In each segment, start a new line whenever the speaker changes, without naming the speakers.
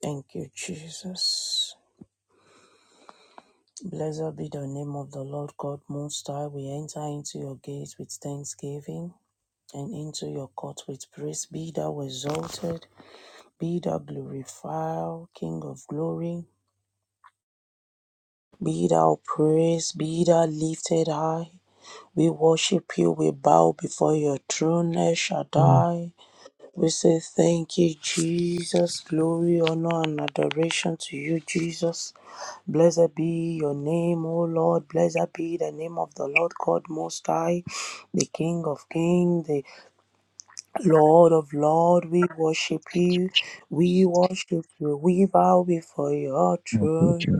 Thank you, Jesus. Blessed be the name of the Lord God Most High. We enter into your gates with thanksgiving and into your court with praise. Be thou exalted, be thou glorified, King of glory. Be thou praised, be thou lifted high. We worship you, we bow before your throne, El
Remember,
Shaddai. We say thank you, Jesus. Glory, honor, and adoration to you, Jesus. Blessed be your name, O Lord. Blessed be the name of the Lord God Most High, the King of Kings, the Lord of Lords. We worship you. We worship you. We bow before your throne.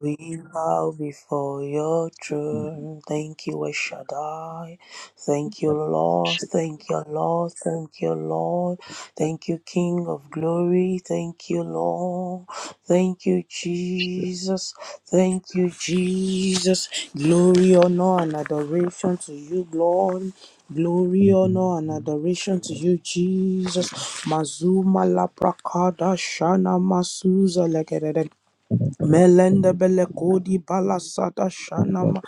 We bow before your throne. Thank you, El Shaddai. Thank you, Lord. Thank you, Lord. Thank you, Lord. Thank you, King of glory. Thank you, Lord. Thank you, Jesus. Thank you, Jesus. Glory, honor, and adoration to you, Lord. Glory, honor, and adoration to you, Jesus. Mazuma la prakada shana masuza Melende bele kodi bala sada shana ma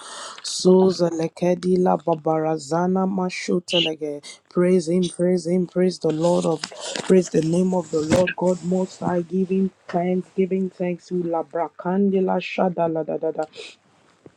soza lekedi la babarazana ma shotelege. Praise him, praise him, praise the Lord of, praise the name of the Lord God Most High. Giving thanks, giving thanks. Ula brakandi la shada la da da da.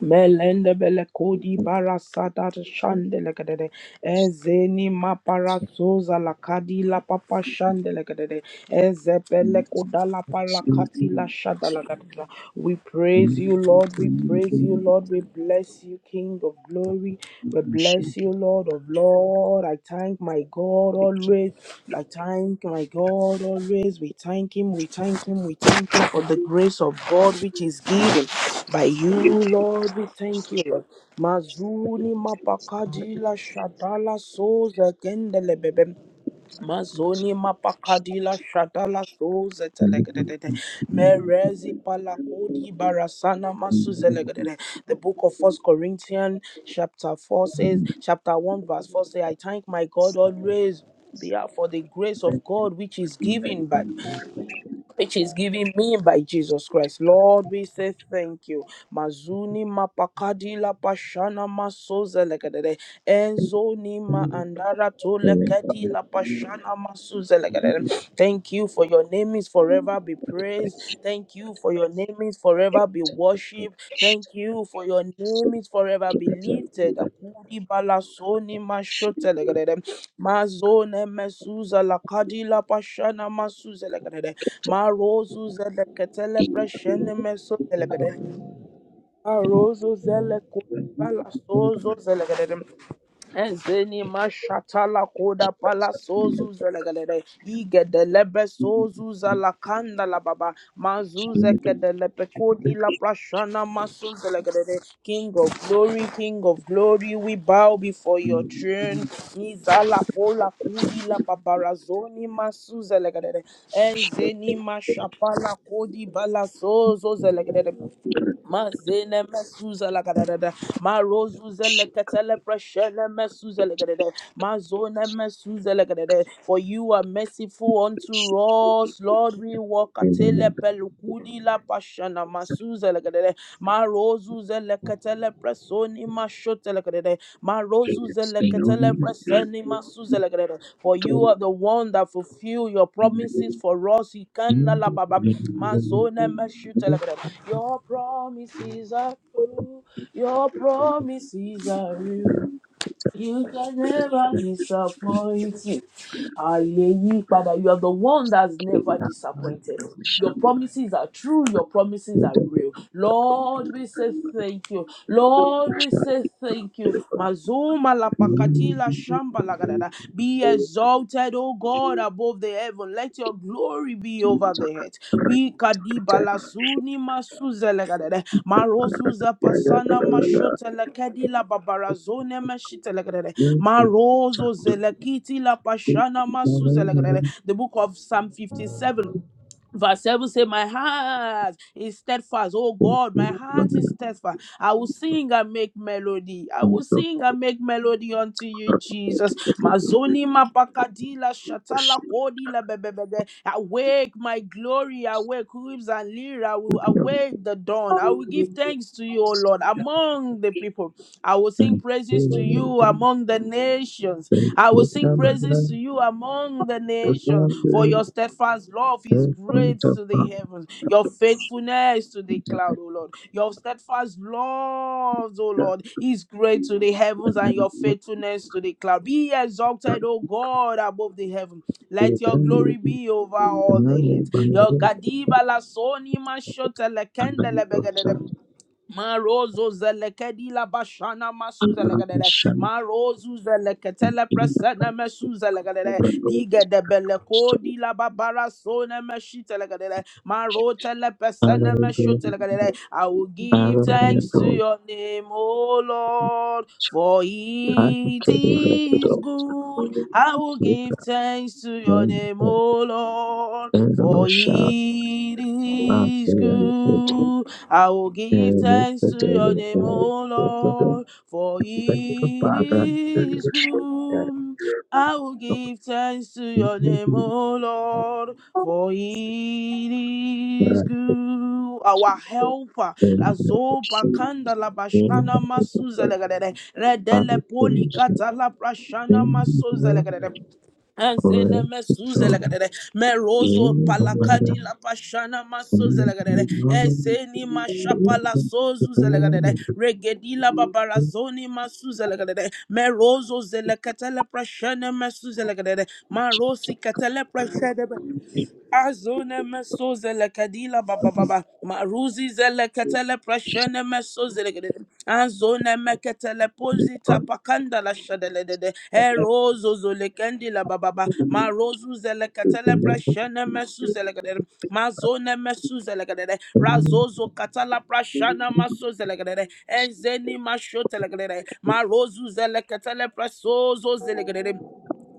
Melende bele kodi barasada shandelegede ezeni maparazoza la kadi la papa shandelegede ezebele koda la parakati la shadalagada. We praise you, Lord. We praise you, Lord. We bless you, King of Glory. We bless bless you, Lord of Lord. I thank my God always. I thank my God always. We thank Him. We thank Him. We thank Him for the grace of God which is given by you, Lord. We thank you, Lord. Mazuni mapakadila shatala soza kendele Mazoni mapakadila shatala soze telegedede. Merezi palakodi barasana masuzelegedede. The book of First Corinthians, chapter four says, chapter one verse four says, I thank my God always be- for the grace of God which is given by which is given me by Jesus Christ. Lord, we say thank you. Mazuni mapakadi la pashana masoza legadere. Enzo ma andara to lekadi la pashana masoza legadere. Thank you for your name is forever be praised. Thank you for your name is forever be worshipped. Thank you for your name is forever be lifted. Akudi bala soni mashote legadede. Mazone mesuza la kadila pashana masuze legadede. Marozu zele ketele preshene meso legadede. Marozu zele kubala sozo legadede. Enzeni mashatala koda pala sozu zelegalere. Ige de lebe sozu zala kanda la baba. Mazuze ke de lebe kodi la prashana masu zelegalere. King of glory, King of glory, we bow before your throne. Nizala pola kodi la babarazoni masu zelegalere. Enzeni mashapala kodi bala sozo zelegalere. Mazene mesuza la gadada, ma rosuza la katala prashana mesuza la gadada, ma zona mesuza la gadada. For you are merciful unto us, Lord. We walk atele pelukudi la pashana masuza la gadada, ma rosuza la presoni mashotelekere,
it's been on
marozuzeleketele preseni masuzelekere. For you are the one that fulfill your
Thank
promises for us. Ikandalababa, mazone meshutelekere. Your promises are true. Your promises are real. You can never disappoint me. Ayeyi Father, you are the one that's never disappointed us. Your promises are true, your promises are real. Lord, we say thank you. Lord, we say thank you. Mazuma la pakadila shamba la gadada. Be exalted, O God, above the heaven. Let your glory be over the head. We kadiba la suni masuzele gadada. Marozuza pasana mashota lekedi la babarazone meshite legere. Marozo zelekiti la pashana masuze legere. The book of Psalm 57 Verse 7 say, My heart is steadfast. Oh God, my heart is steadfast. I will sing and make melody. I will
you.
sing and make melody unto you, Jesus.
Thank
Mazoni mapakadila shatala kodila bebebebe. Awake my glory, awake hoops and lyra. I will awake the dawn. I will give thanks to you, O Lord, among the people. I will sing praises to you among the nations. I will sing praises to you among the nations, for your
you.
steadfast love is great to the heavens, your faithfulness to the cloud, O Lord. Your steadfast love, O Lord, is great to the heavens, and your faithfulness to the cloud. Be exalted, O God, above the heaven. Let your glory be over all the earth. Your gadiba la soni mashota la kenda la Marozo zelekedi la bashana masu zelekedede. Marozu zeleketele presene mesu zelekedede. Diga de beleko di la babara sone meshi telekedede. Marotele pesene mesho telekedede. I will give thanks to your name, O Lord, for
Indonesia, ASEAN, Barat,
it is good. I will give thanks to your name, O Lord, for
Indonesia,
it
are
is
celebrated
good.
repeatedly
I will give thanks to your
by
name, O
Kosovo,
Lord, for it is
Bangladesh, and
good. I will
Russia.
give thanks to your name,
Opportunity
O Lord, for it is good. Our helper,
and repetition in
Azoba
negotiations
Kanda la
in the
Labashana Masuza Legade, Redele Poli
Palestinian
Katala Prashana Masuza
or
Azene mesuzelegadere,
in
merozo
the
palakadi la pashana masuze masuzelegadere, ezeni mashapala sozuzelegadere, regedi la babarazoni masuzelegadere, merozo zelekatele prashene mesuzelegadere, marosi katele prashane Azone meso zele kadila baba baba. Maruzi zele ketele prashene meso zele kedede. Azone meketele pozita pakanda la shadele dede. Erozo zole kendi la baba baba. Marozu zele ketele prashene meso zele kedede. Mazone meso zele kedede. Razozo katala prashana maso zele kedede. Enzeni masho tele kedede. Marozu zele ketele prasozo zele kedede.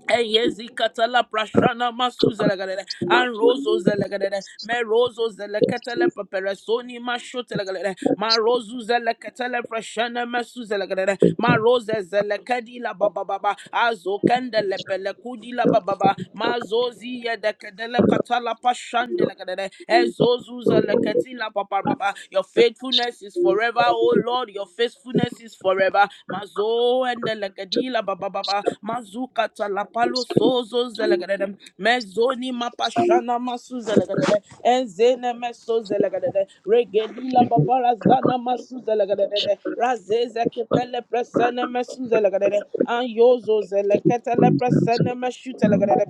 Eyezi katala prashana masu zelagadere and rozo zelagadere me rozo zelekatele papere masho telegadere ma rozu zelekatele prashana masu zelagadere ma roze
Thank
zelekadi la baba baba azo kendele pele kudi la baba baba ma zozi yedekadele katala pashande lagadere ezozu zelekati la baba baba your faithfulness is forever O Lord Your your faithfulness is forever. Mazo and the Lakadila Baba Baba. Mazuka Talapalo Sozo Zelagadem. Mezoni Mapashana Masu Zelagadem. Enzene Meso Zelagadem. Regadila Babara Zana Masu Zelagadem. Razeza
you.
Ketele
Thank
Presene Mesu Zelagadem. And Yozo Zeleketele Presene Meshu Zelagadem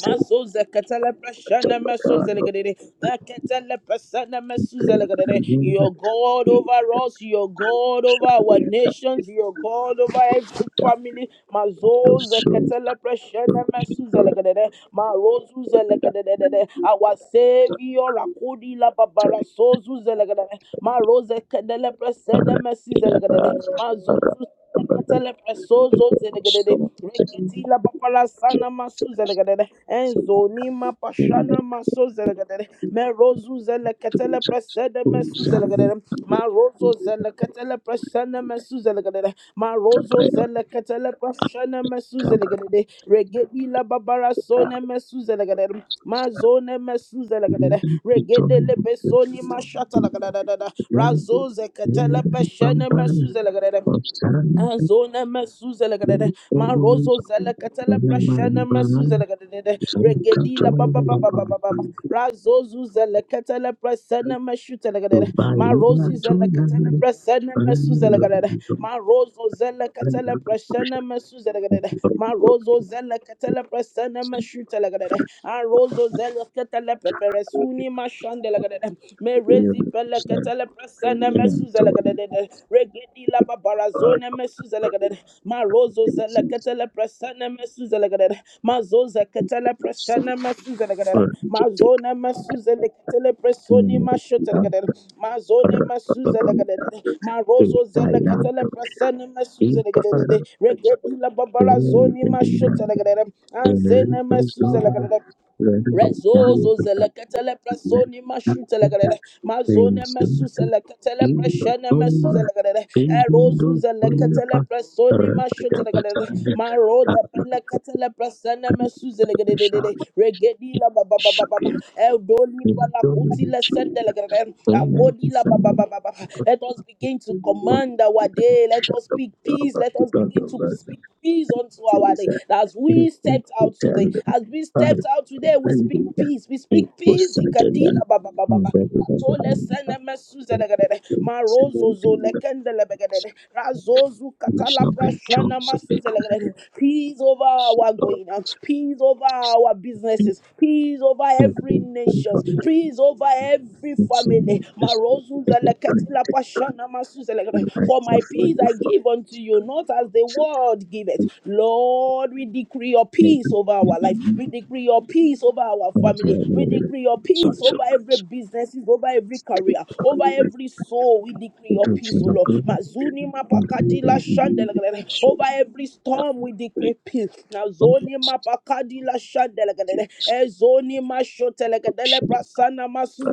Mazo zekatele prashana meso zelegadere. Zekatele prashana meso zelegadere. Your God over us, your God over our nations, your God over every family. Mazo zekatele prashana meso zelegadere. Marozu zelegadere. Our Savior akodi la babara sozu zelegadere. Maroze kadele prashana meso zelegadere. Mazozu zekatele prasozo zelegadere. Reketila babara sana maso zelegadere. Enzoni mapashana maso zelegadere. Merozu zelekatele presede mesu zelegadere. Marozo zelekatele presene mesu zelegadere. Marozo zelekatele presene mesu zelegadere. Regedi la babara sone mesu zelegadere.
you.
Mazone mesu zelegadere.
Thank
Regede le besoni mashata lagadadadada. Razo zekatele presene mesu zelegadere. Azona masuzelegadede, marozo zelekatele prashana masuzelegadede, regedila baba baba baba baba, razozu zelekatele prasana mashutelegadede, marozi zelekatele prasana masuzelegadede, marozo zelekatele prashana masuzelegadede, marozo zelekatele prasana mashutelegadede, rozo zele ketele pepere suni mashande lagadede me rezi pele ketele presene mesu zele gadede regedi la babara zone mesu zele gadede ma rozo zele ketele presene mesu zele gadede ma zoze ketele presene mesu zele gadede ma zone
you.
mesu zele ketele presoni mashote lagadede ma zone mesu zele gadede ma rozo zele ketele presene mesu zele gadede regedi la babara zoni mashote lagadede Anzene mesuze la Rezozo zeleketele presoni mashutelegrede. Mazone mesu zeleketele preshene mesu zelegrede. Erozu zeleketele presoni mashutelegrede. Maro da pele katele prasana mesuze le de de de. Regedi la ba ba ba ba ba ba.
Shakira,
Eldoli
you
pala
don't
kuti
need
le sente
to.
le
Only
Akodi la ba ba ba
something.
ba ba. Let us begin to command our day. Let us speak peace. Let us begin to speak peace unto our day. As we stepped out today, as we stepped out today, we speak peace. We speak peace. Ikadi ba ba ba ba ba. Ratole sene mesuzelegerere. Marozo zolekendelebegerere. Razozu katala
National by
prashana
Jones of Baker
masuzelegerere. Peace over our going out. Peace over our businesses. Peace over
And
every
the
nation.
from
Peace over every
it's
family.
in this
Marozu
I think I
zeleketila
take
prashana masuzelegerere. For my
the for
peace
you
I
for
give unto you, not as the world giveth. Lord, we decree your
maybe
peace over our
in
life.
the
We decree your peace over our
And
family. We decree your peace over every business, over every career, over every soul. We decree your peace, O Lord. Mazuni mapakadila shandelagadere. Over every storm, we decree peace. Now, zoni mapakadila shandelagadere. Ezoni mashote legadele prasana masu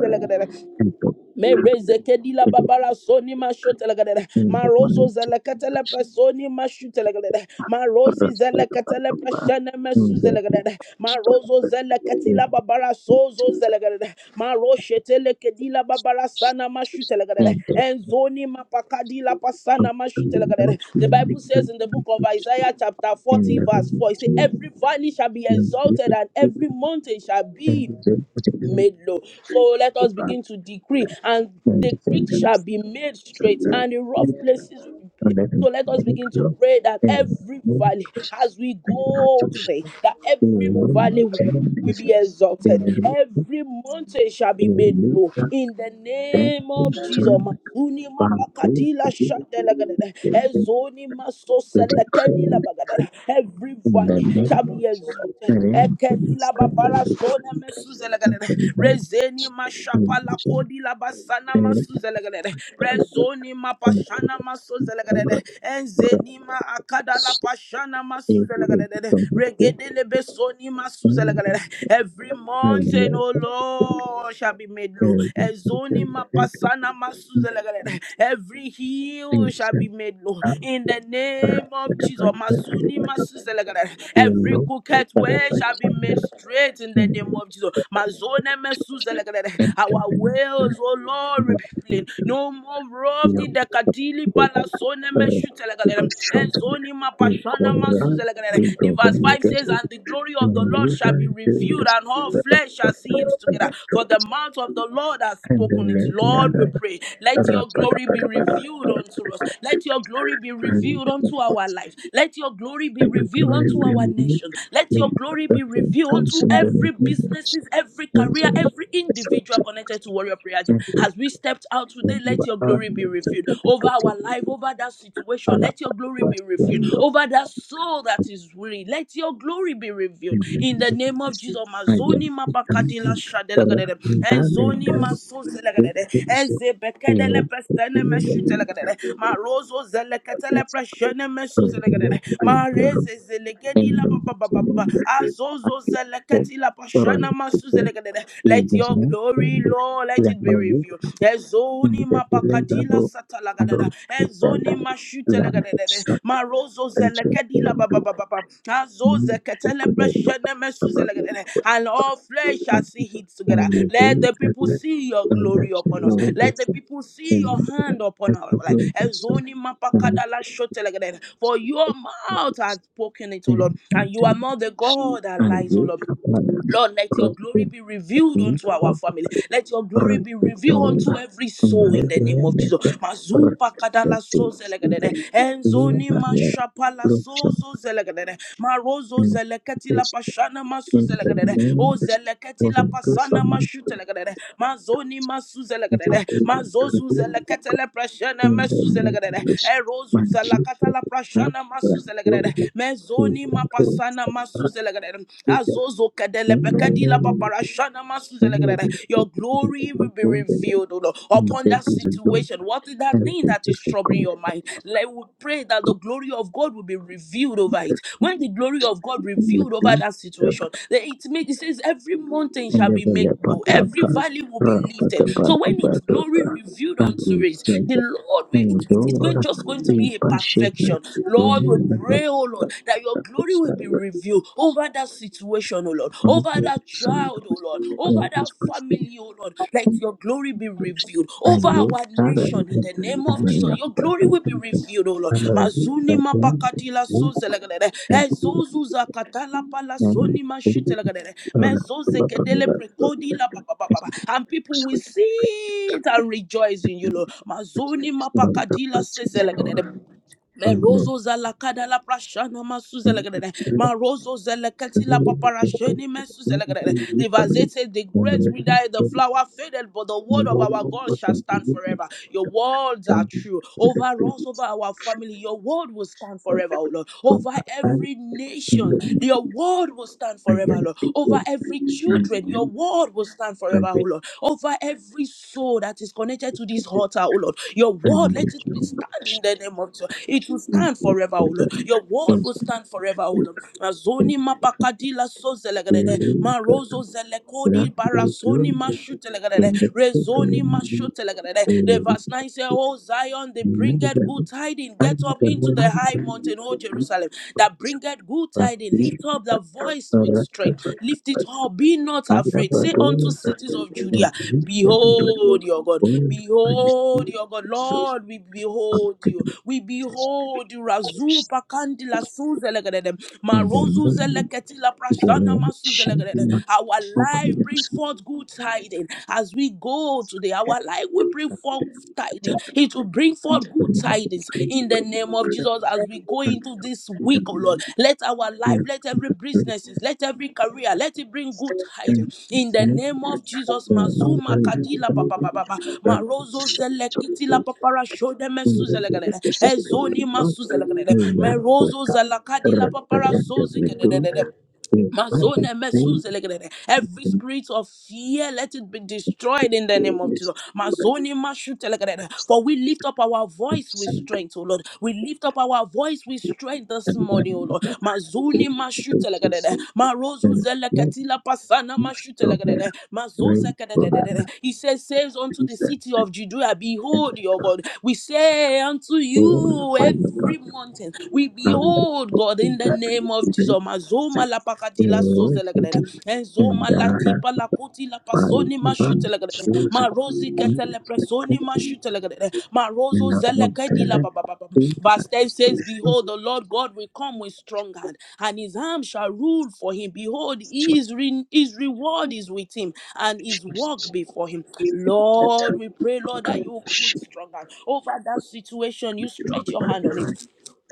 Merezekedila babara soni mashotelagada. Marozo zalakatala prasoni mashutelagada. Marozi zalakatala prashana masuzelagada. Marozo zalakatila babara sozo zelagada. Maroshetelekedila babara sana mashutelagada. Enzoni mapakadila pasana mashutelagada. The Bible says in the book of Isaiah chapter 40 verse 4, it says,
the
Every valley shall be
In the name
exalted
of
and every mountain shall
Karen
be made low. So let us begin to decree, and the creek shall be made straight, and the rough places will be plain. So let us begin to pray that every valley, as we go today, that every valley will, will be exalted. Every mountain shall be made low. In the name of Jesus. Mazuni mapakadila shadelagadada. Ezoni masoselekedila bagadada. Every valley shall be exalted.
and
Ekedila
Scott,
babala masuzelegele. Rezeni
the
mashapala kodi la basana
company,
masuzelegele. Rezoni
Shoulder, The
mapashana masuzelegele. Enzeni ma akada la pashana masuzelegele. Regedele besoni masuzelegele. Every mountain, oh Lord, shall be made low. Ezoni mapasana masuzelegele. Every hill shall be made low. In the name of Jesus, mazuni masuzelegele. Every crooked way shall be made straight in the name of Jesus. Jesus. Mazone mesuzelegrede. Our wills, oh Lord, repeating. No more rovdi de katili palasone meshutelegrede. And zoni ma pashana
corral,
masuzelegrede.
The
The verse 5
Thank
says,
you.
And the glory
In
of the Lord shall be
addition to
revealed, and all
the
flesh shall see it
and
together. For the
troops,
mouth of the Lord has
and
spoken it.
the
Lord, we
regular
pray. Let your glory be
rapadapadapada
revealed
North
unto us. Let
Republic,
your glory be
and
revealed unto our
the
life. Let your glory be revealed unto our
equilibrium
nation. Let
in
your glory be
the
revealed unto
transcendental
every
movements,
businesses, every
moves
career,
and
every individual
switches,
connected to Warrior Prayer Team.
and
As we stepped out today, let
the
your glory
Army
be
of the
revealed over our life,
Deputy,
over that situation. Let your
Alapad
glory be revealed
Westland,
over that soul that is weary. Let your glory be
Thank
revealed in the name of Jesus. Mazoni mapakadila shadelagadede. Enzoni masozelagadede. Ezebekedele pesene meshutelagadede. Marozo zeleketele preshene mesuzelagadede. Mareze zelegedila ba- ba- ba- ba- ba. Azozo Sila Pashana Masuzelekadede. Let your glory, Lord, let it be revealed. Ezoni mapakadila satalagadada. Ezoni mashutelegadede. Marozo zelekadila
you.
bababababa. Azo
When you
zeketele
do
preshene mesuzelegadede. And all flesh shall see it together.
that,
Let the people
that
see your glory
direction
upon us.
your
Let the
ambition
people see
in
your hand
the
upon
as
our
the
life.
road is so
Ezoni mapakadala shotelegadede. For your mouth has spoken it, O Lord.
and
And you are not the God that
I
lies, O
wake
Lord.
up like
Lord,
a
let your glory
broken
be revealed
link
unto our
of
family. Let your glory be
the
revealed
dog.
unto every soul
My
in the name of
brain
Jesus.
is
Mazupa
the
kadala so
things
zelekedede.
that you
Enzoni
have a
mashapala so zo zelekedede. Marozo
and
zeleketi la
this
pashana masu
in the
zelekedede.
name
O
of
zeleketi la
the good
pasana
family
mashu telekedede. Mazoni masu
of your
zelekedede.
freedom and
Mazozu
good
zelekete le prashana
in the
masu
name of
zelekedede.
my
Erozu
Jesus
zelekata la
have
prashana masu
and
zelekedede.
good in
Mezoni
the Lord of God
mapasana Azozo kedele
in the
pekedila paparashana
name of
masuzelegrere.
the Lord in the name of
Your glory
the
will be
Lord in the
revealed, O Lord,
name of
upon that
the Lord
situation. What is
and the difficult in the
that thing
name
that is troubling your mind? Let we pray that the glory of God will be revealed over it. When the glory of God
of
revealed
the
over that
Lord
situation, then it made it says every mountain shall be
Endelele
made low, every
pataka
valley will be
rapata
lifted. So when its
parambasuka
glory revealed unto
rangi
it, the
jaga
Lord, will- it, it- it's going
endora
just going to be a
ripashita
perfection. Lord, we pray pray, oh
yenadata
Lord, that your glory will be
kusaya
revealed over that situation, oh Lord, over
mambo
that
santo
child, oh Lord,
kusikia
over that family, oh Lord. Let your glory be revealed over
ayo
our
tara
nation in the name of Jesus.
anaya
Your glory
pataka
will be revealed, oh Lord.
anaweza
Mazuni mapakatila
kufanya
sozelegadere. Ezozu zakatala pala soni mashitelegadere. Mezozekedele prekodila ba- ba- ba- ba- ba. And people will
Thank
see
you.
it and rejoice
Thank
in you,
you.
Lord. Mazoni mapakadila sezelegadere. Merozo zalakada la prashana masuzelagade. Marozo zelekati la paparasheni mesuzelagade. The Vazette The great widow, the flower faded, but the word of our God shall stand forever. Your words are true. Over us, over our family, your word will stand forever, O Lord. Over every nation, your word will stand forever, Lord. Over every children, your word will stand forever, O Lord. Over every soul that is connected connected to this altar, oh Lord. Your word, let it be stand in the name of Jesus. It will stand forever, oh Lord. Your word will stand forever, oh Lord. Mazoni mapakadila sozelegrede, marozo
And then
zelekodi barasoni mashutelegrede, rezoni mashutelegrede. The verse 9 says, "O Zion, they bringeth good tidings. Get up into the high mountain, O Jerusalem, that bringeth good tidings lift up the voice with strength. Lift it up. Be not afraid. Say unto cities of Judea, Behold your God. Behold your God. Lord, we behold you. We behold you. Razu pakandila suzelegedede. Marozu zeleketila prashana
the
masuzelegedede.
shouting of
Our life bring forth good tidings as we go today. Our life will bring forth forth tidings.
the
It will bring forth
Thank
good tidings in the name of Jesus as we go into this week, oh Lord. Let our life, let every businesses, let every career, let it bring good tidings in the name of Jesus. Mazuma kadila papa papa marozo zelekiti la papara shode mesu zelegalele ezoni masu zelegalele merozo zelakadi la papara sozi Mazone mesuzelegrere. Every spirit of fear, let it be destroyed in the name of Jesus. Mazone mashutelegrere. For we lift up our voice with strength, O Lord. We lift up our voice with strength this morning, O Lord. Mazuni mashutelegrere. Marozu
you.
zelekatila pasana
So that
mashutelegrere.
right for them
Mazozekadedededede. He says, says unto the
is that
city of Judea,
Thank
Behold your God. We say unto you every mountain, we behold God in the in the name of Jesus. Mazoma la pakati la soze la grede. Enzoma la tipa la koti la pasoni mashute la grede. Ma rosi ketele presoni mashute la grede. Ma rozo zele kedi la ba ba ba ba. Verse 10 says, Behold, the Lord God will come with strong hand, and his arm shall rule for him. Behold, his, re- his reward is with him, and his work before him. Lord, we pray, Lord, that you will come with strong hand over that situation. You
you.
stretch your hand on it.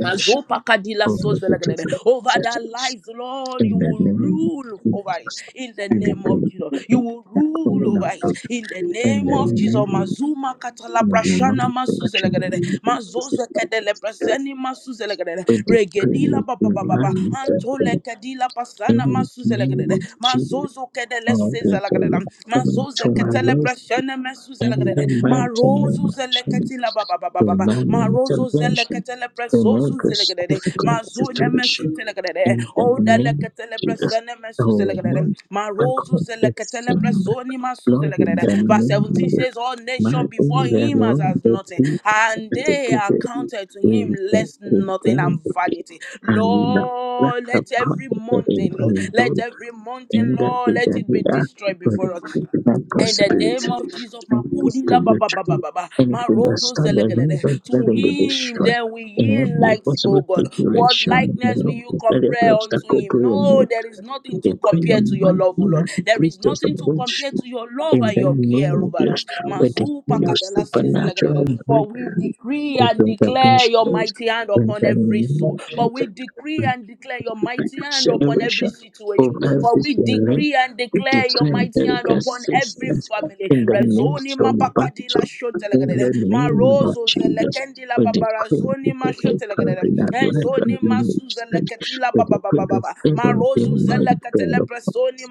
Mazopa kadila
All the
sozelegrede.
different
Over their
sections
lives, Lord, you
in the
will
name
rule
of
over it
Jesus.
in the
We
name of
declare
Jesus. You will
that
rule
coming
over
out
it
of
in the
it. in
name
the
of Jesus.
name
Mazuma katala
of the Lord,
prashana
production of the
masuzelegrede.
living Jesus
Mazoze kedele
Christ.
preseni masuzelegrede.
We declare
Regedila
that we
baba baba baba.
run to
Antole
God.
kedila
in
pasana
the name
masuzelegrede.
of Jesus,
Mazozo kedele
all the joy,
sezelegrede.
coming
Mazoze
to our
ketele
rest
preshene
in
masuzelegrede
the mighty name of Jesus.
zeleketila ba ba ba ba ba ba.
Divine
Marozo
intervention
zeleketele presozu
remembers
zelekedede.
difficult
Mazone meshu
situation
telekedede.
in the
O
name
deleketele
Jesus.
presene mesu
Oh no,
zelekedede.
I
Marozo
could
zeleketele
sing
presoni masu
Lord in
zelekedede.
the
Verse
name
17
of
says, All
my
nation before
own the
him as
wrong
as
that
nothing, and they are counted to him
with the
less nothing and
identity
vanity.
and the
Lord,
rest of
let
God
every mountain, Lord,
that
let every mountain,
in that
Lord,
event
let
that
it be
did ask
destroyed
for the
before us.
treatment
In the
possibility
name of Jesus,
and this
Makudila ba. Baba
spiritual.
Baba,
Anything that
Marozo
stands against
Zelekelele.
that
To
having to
him,
destroy
then we
in
yield
every
like,
possible
oh God. What
situation, you
likeness will
know,
you
is that every
compare unto
obstacle
him? No,
problem
there is nothing
the
to
kind of
compare to your
mind
love, O
he
Lord.
has to
There
please
is nothing to
us
compare to your love
in
and
the
your care
name of
over
Jesus,
us.
we declare
Mazu
your
Pakadala
supernatural
Sizelekelele. For we
breakthrough
decree and
open the
declare your
business
mighty hand
in
upon
the
every
name
soul.
of
For we
Jesus.
decree
We
and declare your
declare
mighty hand upon every
Acceleration
situation.
of
For
every
we
single
decree and
we
declare your
declare
mighty
that
hand upon every every
consistence
family.
in the
Rezoni
midst of
mapakadila
battle in
shotelegede.
the name of
Marozo
Jesus.
zelekendila
We declare
babarazoni
the protect
mashotelegede.
in that life
Enzoni
and religion.
masuzeleketila
We declare the
bababababa.
favor of the
Marozu
Almighty
zeleketele
God of
presoni
us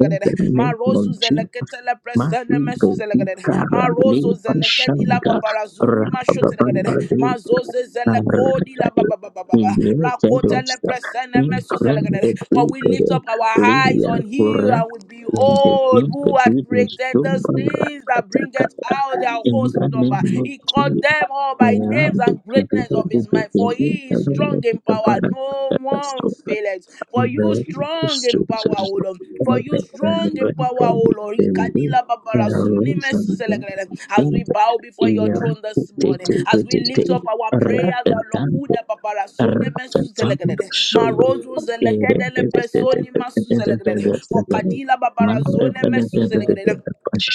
in the name
Marozu
of Jesus.
zeleketele presene
Mahigo
mesuzelegede.
ikara
Marozo
lipa
zelekedila
shanga
babarazuni mashotelegede.
rababababade
Mazoze zelekodila
naradade
bababababa. Rakotele
niyezedosa
presene
inkrende
mesuzelegede. For we
bigoro
lift up our eyes
liya
on you
kura
and we
lende
behold
bige
who had
bidu
prayed created those
zumba
things that bringeth
rakatakara
out their
in
host
the
number.
name of
He called
Jesus.
them all by names
Nande
and greatness
kibide
of his
bibide
mind. For
bibide
he is strong
bibide
in power. No one
bibide
faileth. For you
the
strong in
students
power,
is
O
not
Lord. For
the
you strong in power,
background can
O
be
Lord.
delivered.
Ikadila
There
babara
are
suni mesu
something
zelekelele. As we
in the
bow before your
era
throne this morning, as we lift up
dictated
our prayers,
rather than
alokuda babara suni
rather
mesu
than
zelekelele.
solo.
Marozo
In the
zelekedele presoni masu zelekelele. for Kadila Babara Zone mesu zelekelele.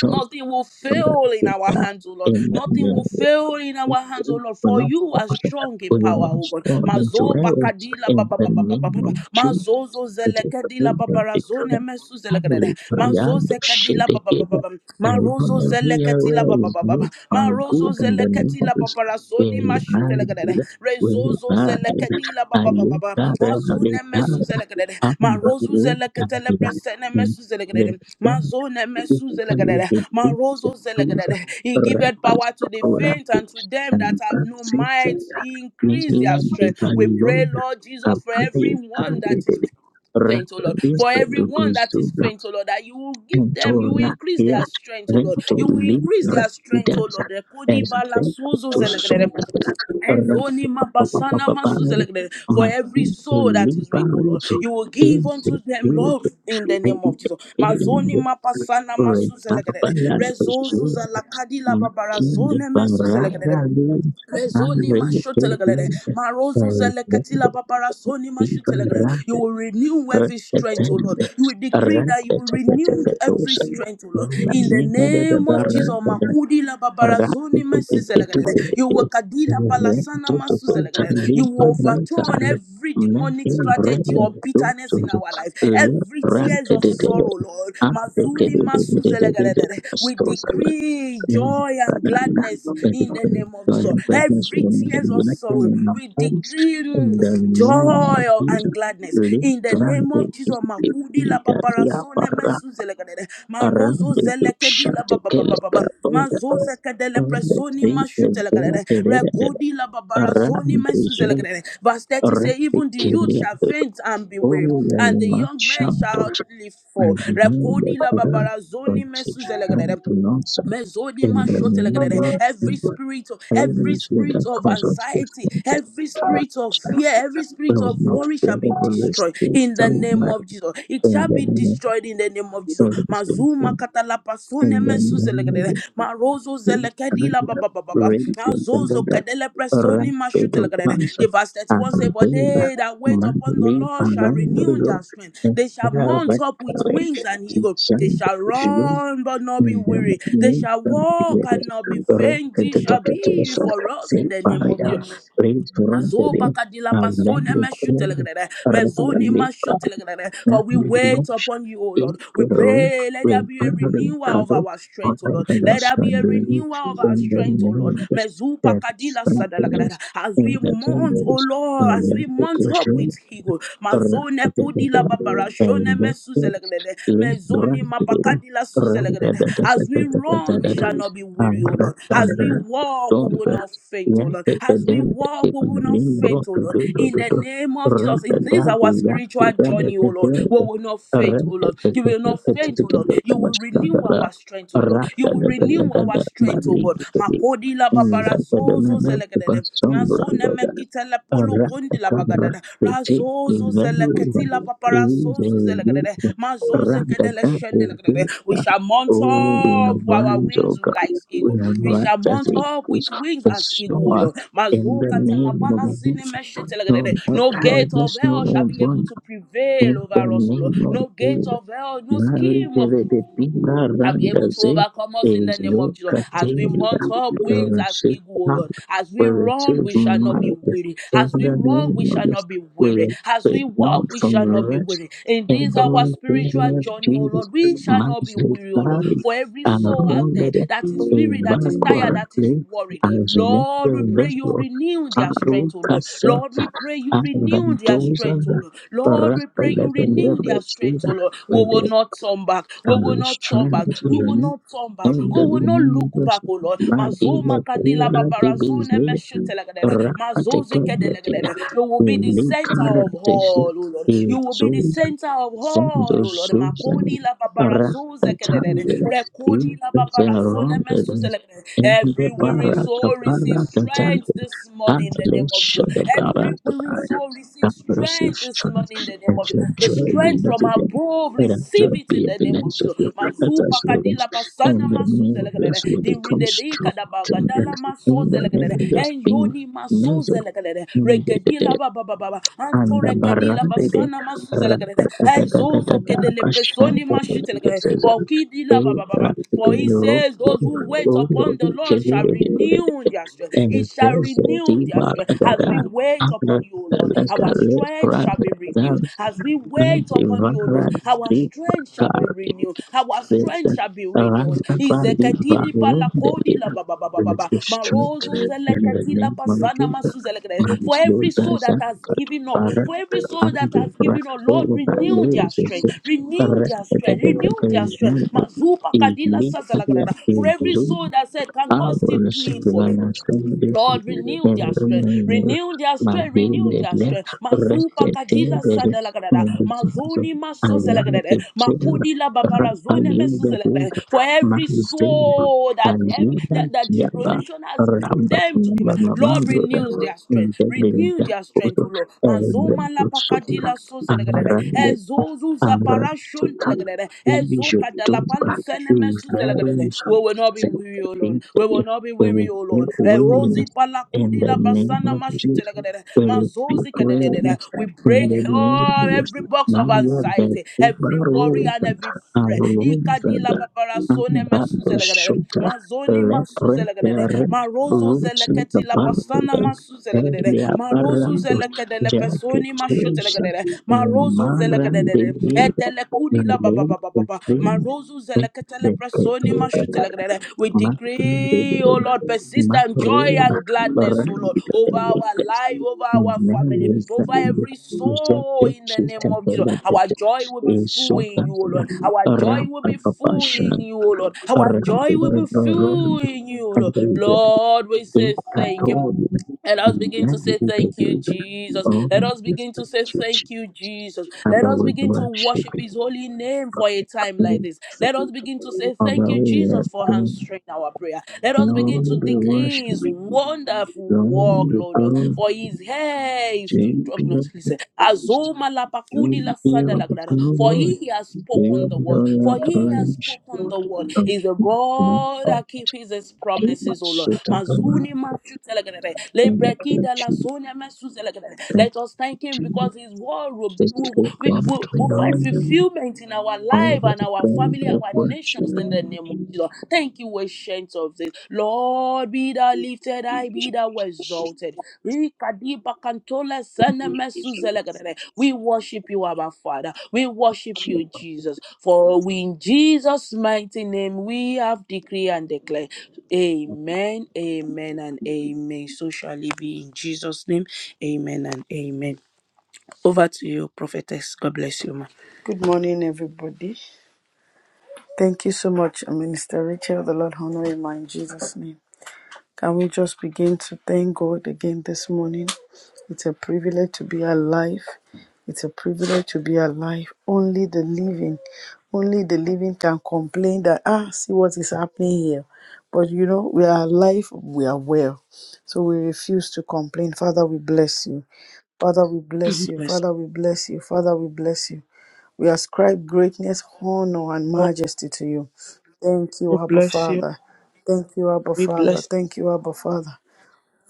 Nothing will fail in our hands, O Lord. Nothing will fail in our hands, O
We
Lord. For you are strong in
will
power,
not
O God.
fall into
Mazo
errors
bakadila ba
in
ba
the
ba ba ba ba ba.
name
ba.
of Jesus
Mazozo zelekadila
freedom
babarazone
decree.
mesu zelekadede.
Family
Mazo
Prayando
zekadila ba ba ba ba
Shedekeda.
ba.
And upon
Marozo
every
zelekatila
area
ba ba
is
ba ba ba.
moved by
Marozo
good and the name of
zelekatila ba
this. We
barazoni
rise,
shutelegadere
we
rezozo
rise.
zelekadila baba baba
Ayutara
azune
Letara.
mesu marozu zelekatele presene mesu
The same
mazone mesu
and the things that
marozo
those
zelegadere he giveth
rappers
power to the
power
faint and to them
and
that have
bad
no
things
might
that
he increased
mislead
their
the
strength we pray
balloon.
lord jesus for everyone that is faint, oh Lord. For
Rista do
everyone that is
Gusuda
faint, oh Lord, that you will give
and
them, you will
Tora
increase
here
their strength, oh Lord.
Vento
You will increase
Libra
their strength, oh
Danza
Lord. Rekodi
as
bala
Vento
sozo
to
zelegrere.
Sondala
Ezoni mabasana
Rapapapapapapane
masuzelekele. For every
Matito
soul that is weak, O Lord,
Libaroso
you will give
is a
unto them,
big
Lord,
I
in the name of Jesus. Mazoni
feel
mapasana masuzelekele.
Repapayano
Rezozu
Zura
zalakadi la babara
in the
zone mesuzelekele.
Barada Land and
Rezoni
Vento
mashotelegrede, marozu zelekatila babara soni mashotelegrede.
Libra
You will renew
Run,
every strength, O Lord. You will decree that you will renew every strength, O Lord. In the name of Jesus, makudi la babara zoni mesizelegrede. You will kadila palasana masuzelegrede. You will overturn every demonic strategy or bitterness in our life, every tears of sorrow, Lord. Mazuni masuzelegrede. We decree
in
joy and gladness
the
gladness in the name of Jesus. Every tears of sorrow, we decree mm,
name of
joy and
Jesus,
gladness
release
in the name of Jesus.
the
Makudi la
Idalia
paparasone
para
mesu zelekadede.
arando
Marozo
do
zelekedi la ba
shante kele per onda
Mazoze kadele
onda
presoni
si ezela
mashutelekadede.
edera edera
Rekodi la babarazoni
arando
mesu
jo
zelekadede. Verse 30 say,
arante
even the youth
kele
shall faint and be weary,
onda
and the
ma
young men
shanto
shall live fall.
mezmina
Rekodi la
kira
babarazoni
onsi
mesu zelekadede.
shanto nonsa
Mezoni
in the name
mashotelekere.
of
Every
Jesus.
spirit, of- every
elements with
spirit
the
of
cause of this
anxiety, every spirit of
contraction
fear, every spirit
will
of
not
worry shall be
forever rest
destroyed
in
in the
some
name of
matter
Jesus. It
in
shall
the
be
name
destroyed in the name of Jesus.
of the Son,
Mazuma katalapasone
in the name
mesuzelekere.
of
Marozo
the
zelekedi
Father,
Baba.
ready to
Now Zozo
deliver
Kadele Presoni
rapid
Mashutelagare. The
answer
verse
and
31 say, But
read
they that wait upon the
monthly
Lord
and
shall renew
annual
their strength.
and
They shall
have
mount
a
up with
college
wings and
to
eagle. They
send
shall run but not be
Thank
weary. They shall walk and not be faint. This shall be for us in the name of Jesus. Azopa kadila pasone meshutelegrede, mezoni mashutelegrede. For we wait upon you, O Lord. We pray, let there be a renewal of our strength, O Lord. Let there be a renewal of our strength, O Lord. Mezupa kadila sadalagrede. As we mount, O Lord, as we mount up
you.
with Higo.
Rada
Mazone kudila babara shone mesuzelegrede. Mezoni Makadila suzelegede. As we run, we shall not be weary, O Lord. As we walk, we will not faint, O Lord. As we walk, we will not faint, O Lord. In the name of Jesus, in this our spiritual journey, O Lord, we will not faint, O Lord. You will not faint, O Lord. You will renew our strength, O Lord. You will renew our strength, O God. Makodila babara zozo zelegede mekitele
Oh,
polo
we
kundi la
are
bagadada. Razozo zeleketila paparazozo zelegadada. Mazozo kedele shendelegada. We shall mount up with our
rise, O
wings
God.
like eagle.
We are
We
rise
shall
as
mount up with
equals.
wings as eagle, O
Restore us
Lord.
in the
Mazoka
name of
talapala
the Lord.
sine
No
meshetelegadada.
more
No gate of
tiredness, no
hell shall
more
be able
want.
to prevail
In the
over us, O Lord.
name of
No gate
Jesus.
of hell, no scheme of
Marikere de
shall
Pimaranda
be able to
ze
overcome us in the
is
name
your
of Jesus. As we mount
Katinda
up wings as eagle, O
Rashitan,
Lord. As we
where it
run,
is
we shall not be
marked
weary.
in
As we
the
run, we
name of
shall
this
not be
we
weary.
are
As we
fit not
walk, we
from
shall
the
not be
rest
weary. In
in
this
the
our
mighty
spiritual
name of
journey, O
Jesus
Lord, we shall not be weary, O Lord.
Mazikari
For every
and
soul out there
Ronded
that is weary, that is tired, that is
evacuated
worried,
as you
Lord,
the
we pray you
vessel of
renew their
Aru
strength, O Lord. Lord, we
Kaseta
pray you
and
renew their
Vendoza
strength, O Lord. Lord, we
Rasta
pray you renew
Levenever
their strength, O
Caesar
Lord. Lord. We will not turn back. We will not turn back. We will
Sandwich
not turn back.
in
We
the
will not look
universe,
back, O Lord.
not
Mazo
in the
makadila
prayer be
babarazone
busy,
meshetelegadere. Mazo
rakatekendete,
zikedelegadere. You will be the center of
ilikarates,
all, O Lord. You will be the
isus,
center of all, O Lord. Makodi
sendosus,
la babarazozekedere.
rakatande,
Rekodi la babarazone
iferonde,
mesuzelegadere.
in
Every weary
the
soul receive strength
barakaparatatande,
this morning in the name of
Alisha
Jesus.
the
Every weary
barakapaya,
soul receive
God receive
strength this
strength,
morning in the name
and
of
your
Jesus. The
joy be
strength from
everything.
above,
Let our joy
receive it in
be
the name of
evidence of
Jesus.
your
Mazupa
presence, with us.
kadila pasana
In the
masu
name of
zelekedere.
Jesus, we
The
become
ridede
strong. and
kadabagadala
healthy.
maso
In the name
zelekedere.
of Jesus,
En
being
yoni maso
measured
zelekedere.
in the day
Regedila baba baba. Anto
and the barra
rekedila
the day.
basana masu zelekedere. Hey zozo
Ra-da-da-da-da-da-da-da.
kedele
Bashan,
presoni
the
mashu
day that
zelekedere.
says,
For kidila
eh,
baba baba.
like
For
the
he
Europe,
says,
oh,
those who wait
oh, oh,
upon the
okay,
Lord
the
shall
day, the day, the
renew
day.
their strength.
And it
It shall
says, eh,
renew
the
their strength
barra,
as
da-da,
we we wait
and
upon
the-
you, O
the-
Lord,
the-
our
the-
strength shall
the-
be
the-
renewed.
the-
As we wait upon you, O
Divara
Lord, our strength shall be
Divakari
renewed. Our
There's a
strength shall be renewed.
Radhabali
Izekadili palakodi
Varundeli
la ba ba ba ba ba
There's
ba.
a strength
Marozo
in the
zelekati la
name of
pasana
Jesus
masu zelekede. For every soul that
Mansuzaza
has given up,
Katpara
for every soul that
Andi
has given up,
Rato
Lord, renew their
Valuses
strength, renew
the
their strength, renew their strength. Mazupa kadila
Ili
sa
Kaya
zelekede. For every soul that said, Can
I
God still
will
do it for
supervise
me?
and send this
Lord, renew their strength,
environment.
renew their
My
strength, renew
daily
their
life
strength. Mazupa
resting
kadila
bed
sadalagadada,
so
mazoni
I am
masozelagadada,
a child.
makodila
I
babarazone
live the book.
mesuzelagadada. For
My
every
sin.
soul
I
that every,
live
that,
that
that
Yaba.
tribulation has led
Ramba
them to give,
Mama
Lord,
Mama
renews
Buddha.
their strength,
In the building
renew their strength,
also
O Lord.
as
Mazoma
the
la
Tutsura.
pakadila sozelagadada,
Amarande.
ezozu zaparashon
Amarande.
delagadada,
Ibi
ezokadala
Jotumba. Is
we
there
will not be
Thank
weary, O Lord. We will
you
not be
we
weary, O Lord.
rebuke
Eh, Rosi
weariness in
palakudi
the
la
name
basana
of Jesus.
mashutelekadere.
We
Mazozi
rebuke
kedededede.
weariness
We
in
break
the name of
oh, every
Jesus.
box of
Maya
anxiety,
Betu
every worry, and
Baruta,
every prayer. Ikadi la
Arunzada,
babara sone
Ambado
mesuzelekadere.
Shota,
Mazoni masuzelekadere.
Leprepere,
Marozo
Ruchi
zeleketi la basana
Babantuda,
masuzelekadere.
Elia
Marozo
Barandos,
zelekadele pesoni
Jaketusa,
mashutelekadere. Marozo
Maran de
zelekadede.
Vida,
Etelekudi
and
la ba ba
Lord,
ba ba ba
the
ba.
King,
Marozo zelekatele
the
presoni
Ketorada.
mashutelekadede. We
Thank you.
decree, oh Lord, persistent joy and gladness, oh Lord, over our life, over our family, over every soul in the name of Jesus. Our joy will be full in you, O Lord. Our joy will be full in you, O Lord. Our joy will be full in you, O Lord. Lord, we say thank you. Let us begin to say thank you, Jesus. Let us begin to say thank you, Jesus. Let us begin to worship his holy name for a time like this. Let us begin to say thank
About
you,
we are
Jesus, for
doing
answering our prayer. Let us begin
no
to decree his
worship.
wonderful work,
Lord, the
Lord, Lord,
God,
for his hair is too strong.
champion
Not to
of the
listen.
Christ,
Azoma la pakudi la
champion
sada la
of the
grada. For
Lord,
he has
champion
spoken
of
the word. God, for he has spoken the word. He's a God that keeps his promises, O Lord. Mazuni mashutelegrere,
the
lebrekida lasonia mesuzelegrere. Let us thank him because his word will, will, will, will, will find fulfillment in our life and our family, our nations in the name of Jesus. Thank you, ancient of this. Lord, be thou lifted, I be thou exalted. Rikadiba kantola sene mesu zelegrere. We worship you, our Father. We worship
Christ.
you, Jesus. For we in Jesus' mighty name we have decree and declare. Amen, amen, and amen. So shall it be in Jesus' name. Amen and amen. Over to you, prophetess. God bless you, ma.
Good morning, everybody. Thank you so much, Minister Rachel. The Lord honor you, ma, in Jesus' name. Can we just begin to thank God again this morning? It's a privilege to be alive. It's a privilege to be alive. Only the living, only the living can complain that, ah, see what is happening here. But you know, we are alive, we are well. So we refuse to complain. Father, we bless you. Father, we bless you.
Bless
Father, we bless you. Father, we bless you. We ascribe greatness, honor, and
you.
majesty to you. Thank
We
you, Abba
bless you.
Father. Thank you, Abba
We
Father.
bless
Thank you, Abba Father.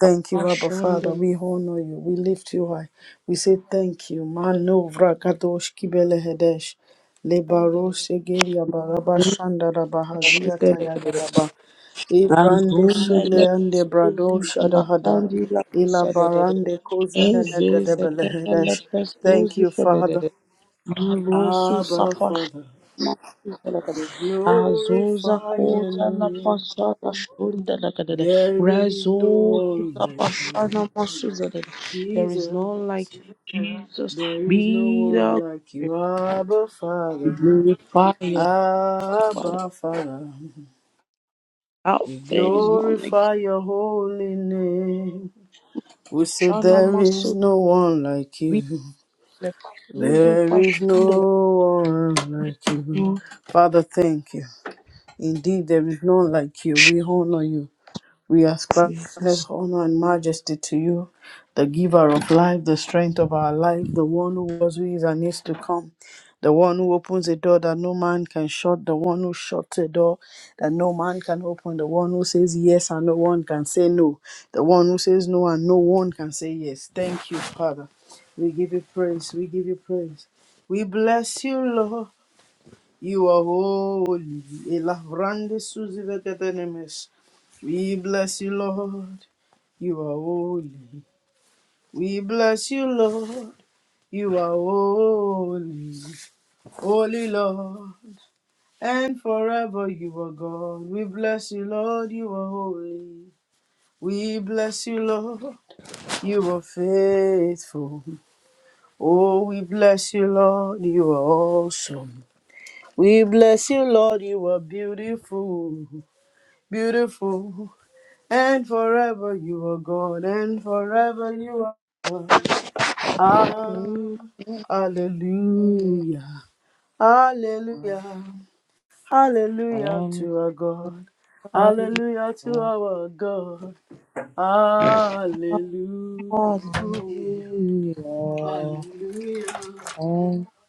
you.
you, Abba Father.
Ashanda-
We honor you. We lift you high. We say thank you. Manu vrakadosh kibele hedesh. Lebaro segeria baraba shandara bahazia tayagaraba. Ibrande
Ranzume
suleande brado
lepesuzi la
shadahada.
kandi la
Ila
pasadedede.
barande kozene
Ezeze
negedebele
kete
hedesh. Thank
lepesuzi
you, Father.
fededede. Malusu
Abba
sapashi
Father.
fededede.
We
Azuza
glorify your
kota la
name.
pasada shunda lekadede.
There is no
Rezuzu
one like
sapashana
you,
masuzedede. There is no
Jesus.
like you, Jesus.
There is no
Be
one
the
like you, Abba Father.
glorified.
Abba Father.
Out
We
there is none like you.
glorify your holy name. We say
Shana
there is
masu.
no one like you.
Zuzu
There is
Pashandala
no one like you. Father, thank you. Indeed, there is none like you. We honor you. We ascribe greatness,
Jesus.
honor, and majesty to you, the giver of life, the strength of our life, the one who was, who is, and is to come, the one who opens a door that no man can shut, the one who shuts a door that no man can open, the one who says yes and no one can say no, the one who says no and no one can say yes. Thank you, Father. We give you praise. We give you praise. We bless you, Lord. You are holy. Elavrande suzi vegetenemes. We bless you, Lord. You are holy. We bless you, Lord. You are holy. Holy Lord. And forever you are God. We bless you, Lord. You are holy. We bless you, Lord. You are faithful. Oh, we bless you, Lord. You are awesome. We bless you, Lord. You are beautiful. beautiful, and forever you are gone, and forever you are gone. Ah,
Take away
hallelujah, hallelujah, hallelujah
And glory
to our God, hallelujah to our God,
of
hallelujah,
hallelujah. And forever we
hallelujah,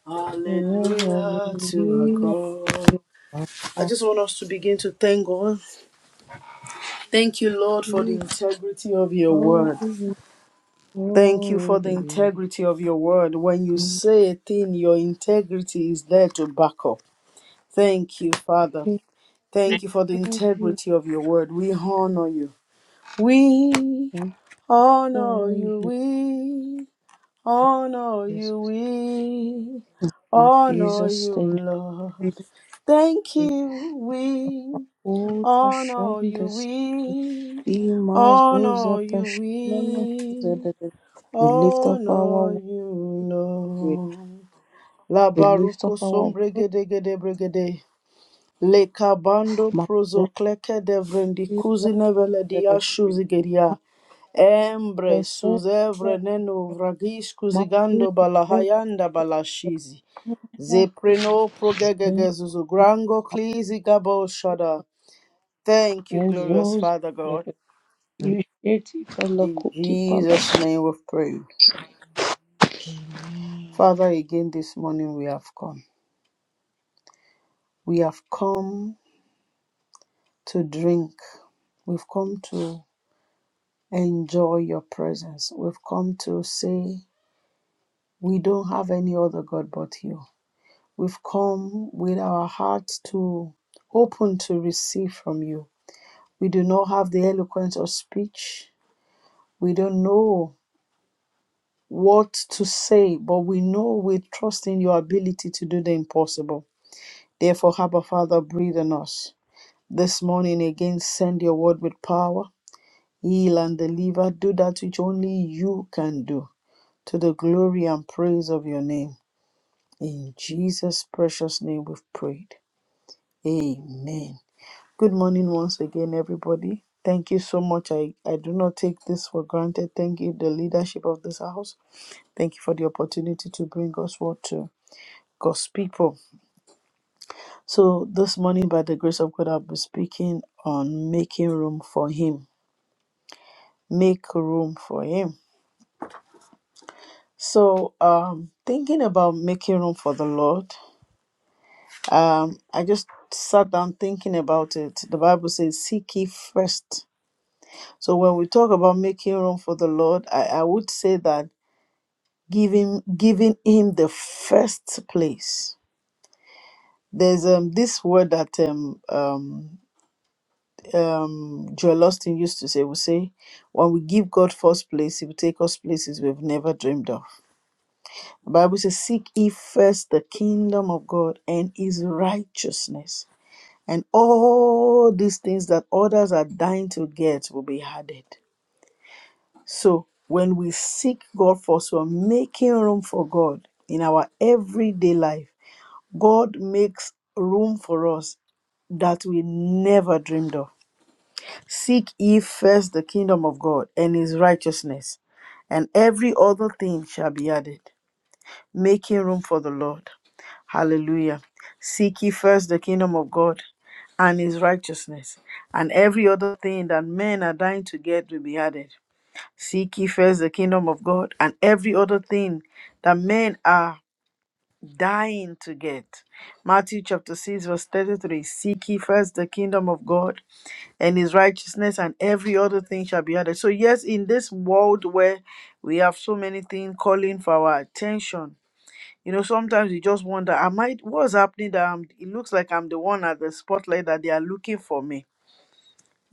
hallelujah to our God.
are
I
for
just want us to begin to thank God. Thank you, Lord, for the
His
integrity of your
glory,
word.
His
Thank you for the
glory.
integrity of your word. When you
And
say a thing, your integrity is there to back up. Thank you, Father.
His
Thank you for the
glory,
integrity of your word. We honor you. We
and
honor you.
glory,
We honor you.
Jesus.
We
Thank you,
honor
Jesus.
you,
Thank you.
Lord. Thank
Thank you.
you. We.
Oh, the
Oh no, you
Shandas.
will.
We lift
Oh no, you will. Oh
up our
no,
voice.
you
We
know. La
lift
baruko
up our voice.
sombregedegede bregede. Le cabando prozo
Mazuki
kleke devrendi kuzi nevele dia
zadadadi.
shuzi Embre
Blessed
suzevre neno vragis kuzigando
Mazuki
balahayanda
zadadadi.
balashizi. Zepreno progegege zuzugrango klizi gabo shada. Thank you, glorious
Ezos
Father God.
Yusheti
In
Palakuti Palas.
Jesus' name we pray. Father, again this morning we have come. We have come to drink. We've come to enjoy your presence. We've come to say we don't have any other God but you. We've come with our hearts to open to receive from you. We do not have the eloquence of speech. We don't know what to say, but we know we trust in your ability to do the impossible. Therefore, Abba Father, breathe on us. This morning again, send your word with power. Heal and deliver. Do that which only you can do. To the glory and praise of your name. In Jesus' precious name we've prayed. Amen. Good morning once again, everybody. Thank you so much. I, I do not take this for granted. Thank you, the leadership of this house. Thank you for the opportunity to bring God's word to God's people. So this morning, by the grace of God, I'll be speaking on making room for Him. Make room for Him. So, um, thinking about making room for the Lord, um, I just sat down thinking about it. The Bible says, "Seek ye first." So, when we talk about making room for the Lord, I, I would say that giving giving Him the first place. There's um this word that um um um Joel Austin used to say, we say, when we give God first place, He will take us places we've never dreamed of. The Bible says, Seek ye first the kingdom of God and His righteousness, and all these things that others are dying to get will be added. So when we seek God first, we're making room for God in our everyday life. God makes room for us that we never dreamed of. Seek ye first the kingdom of God and his righteousness, and every other thing shall be added, making room for the Lord. Hallelujah. Seek ye first the kingdom of God and his righteousness, and every other thing that men are dying to get will be added. Seek ye first the kingdom of God and every other thing that men are dying to get. Matthew chapter 6, verse 33 Seek ye first the kingdom of God and his righteousness and every other thing shall be added. So yes, in this world where we have so many things calling for our attention, you know, sometimes you just wonder, am I what's happening that I'm, it looks like I'm the one at the spotlight that they are looking for me.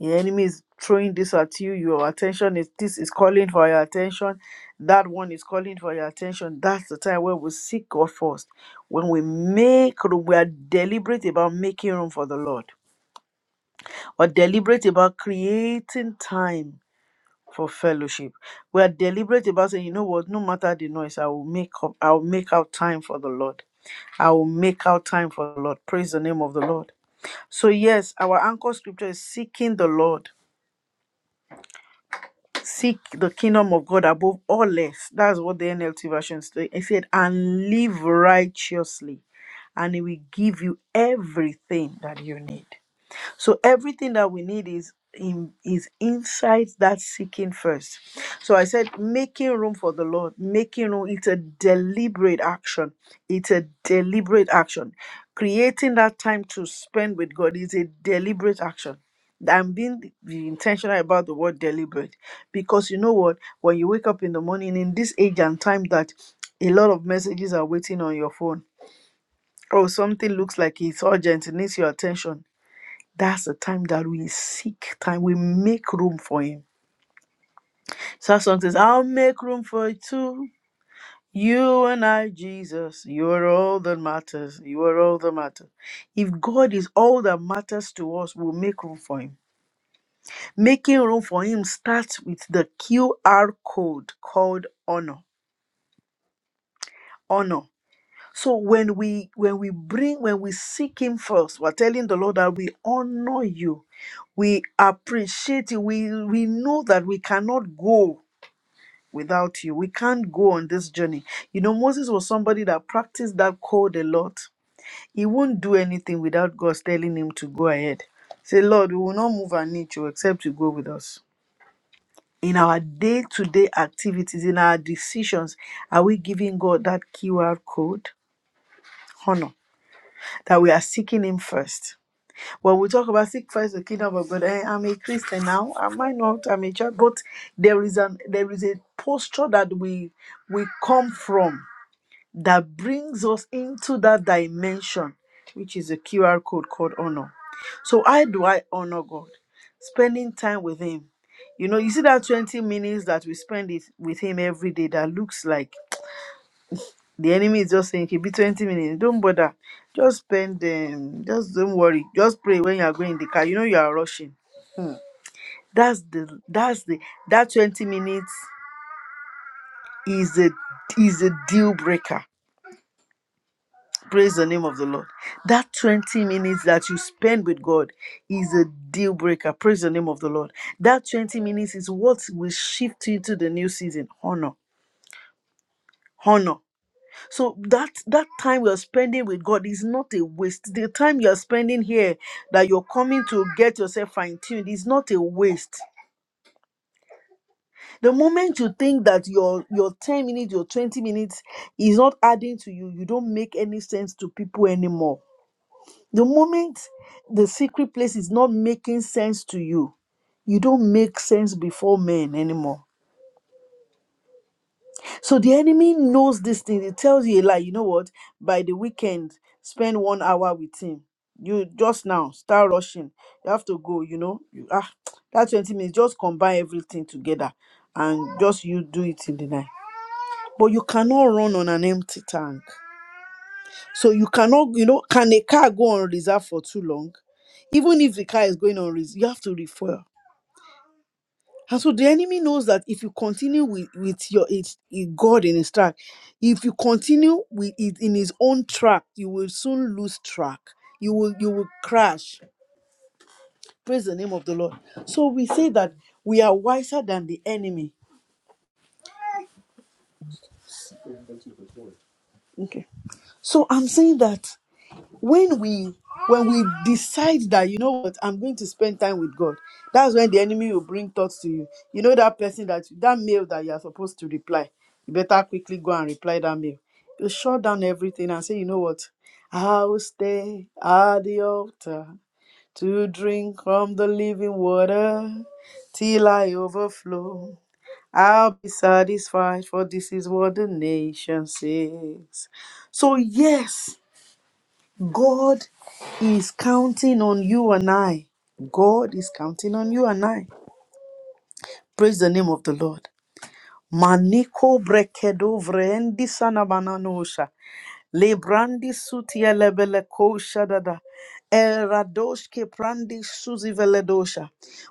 The enemy is throwing this at you, your attention is this is calling for your attention, that one is calling for your attention. That's the time where we seek God first. When we make room, we are deliberate about making room for the Lord or deliberate about creating time for fellowship. We are deliberate about saying, you know what, no matter the noise, I will make up, I will make out time for the Lord. I will make out time for the Lord. Praise the name of the Lord. So, yes, our anchor scripture is seeking the Lord. Seek the kingdom of God above all else. That's what the NLT version says. It said, and live righteously, and He will give you everything that you need. So everything that we need is in is inside that seeking first. So I said making room for the Lord, making room, it's a deliberate action. It's a deliberate action. Creating that time to spend with God is a deliberate action. I'm being intentional about the word deliberate because you know what? When you wake up in the morning in this age and time that a lot of messages are waiting on your phone. or something looks like it's urgent, it needs your attention that's the time that we seek time. We make room for him. So that song says, I'll make room for you too. You and I, Jesus, you are all that matters. You are all that matters. If God is all that matters to us, we'll make room for him. Making room for him starts with the QR code called honor. Honor. So when we when we bring when we seek him first, we're telling the Lord that we honor you, we appreciate you, we we know that we cannot go without you. We can't go on this journey. You know, Moses was somebody that practiced that code a lot. He won't do anything without God telling him to go ahead. Say, Lord, we will not move an inch oh, except you go with us. In our day to day activities, in our decisions, are we giving God that keyword code? Honor. that we are seeking Him first. When we talk about seek first the kingdom of God, eh, I'm a Christian now. Am I not? I'm a child. But there is an there is a posture that we we come from that brings us into that dimension, which is a QR code called honor. So how do I honor God? Spending time with Him. You know, you see that 20 minutes that we spend it with Him every day that looks like the enemy is just saying it be 20 minutes don't bother just spend them. just don't worry just pray when you are going in the car you know you are rushing that's the that's the that 20 minutes is a is a deal breaker praise the name of the lord that 20 minutes that you spend with god is a deal breaker praise the name of the lord that 20 minutes is what will shift you to the new season honor honor So that that time you're spending with God is not a waste. The time you're spending here that you're coming to get yourself fine-tuned is not a waste. The moment you think that your your 10 minutes, your 20 minutes is not adding to you, you don't make any sense to people anymore. The moment the secret place is not making sense to you, you don't make sense before men anymore So the enemy knows this thing. It tells you a lie. You know what? By the weekend, spend one hour with him. You just now start rushing. You have to go. You know, you ah, that twenty minutes. Just combine everything together, and just you do it in the night. But you cannot run on an empty tank. So you cannot. You know, can a car go on reserve for too long? Even if the car is going on reserve, you have to refuel And so the enemy knows that if you continue with, with your it's it, God in his track, if you continue with it in his own track, you will soon lose track. You will you will crash. Praise the name of the Lord. So we say that we are wiser than the enemy. Okay. So I'm saying that when we when we decide that you know what i'm going to spend time with god that's when the enemy will bring thoughts to you you know that person that that mail that you are supposed to reply you better quickly go and reply that mail you shut down everything and say you know what i'll stay at the altar to drink from the living water till i overflow i'll be satisfied for this is what the nation says so yes God is counting on you and I. God is counting on you and I. Praise the name of the Lord. Maniko brekedo vreendi sana banano osha. Lebrandi sutia lebele kosha dada. Eradoshke prandi suzi veledosha.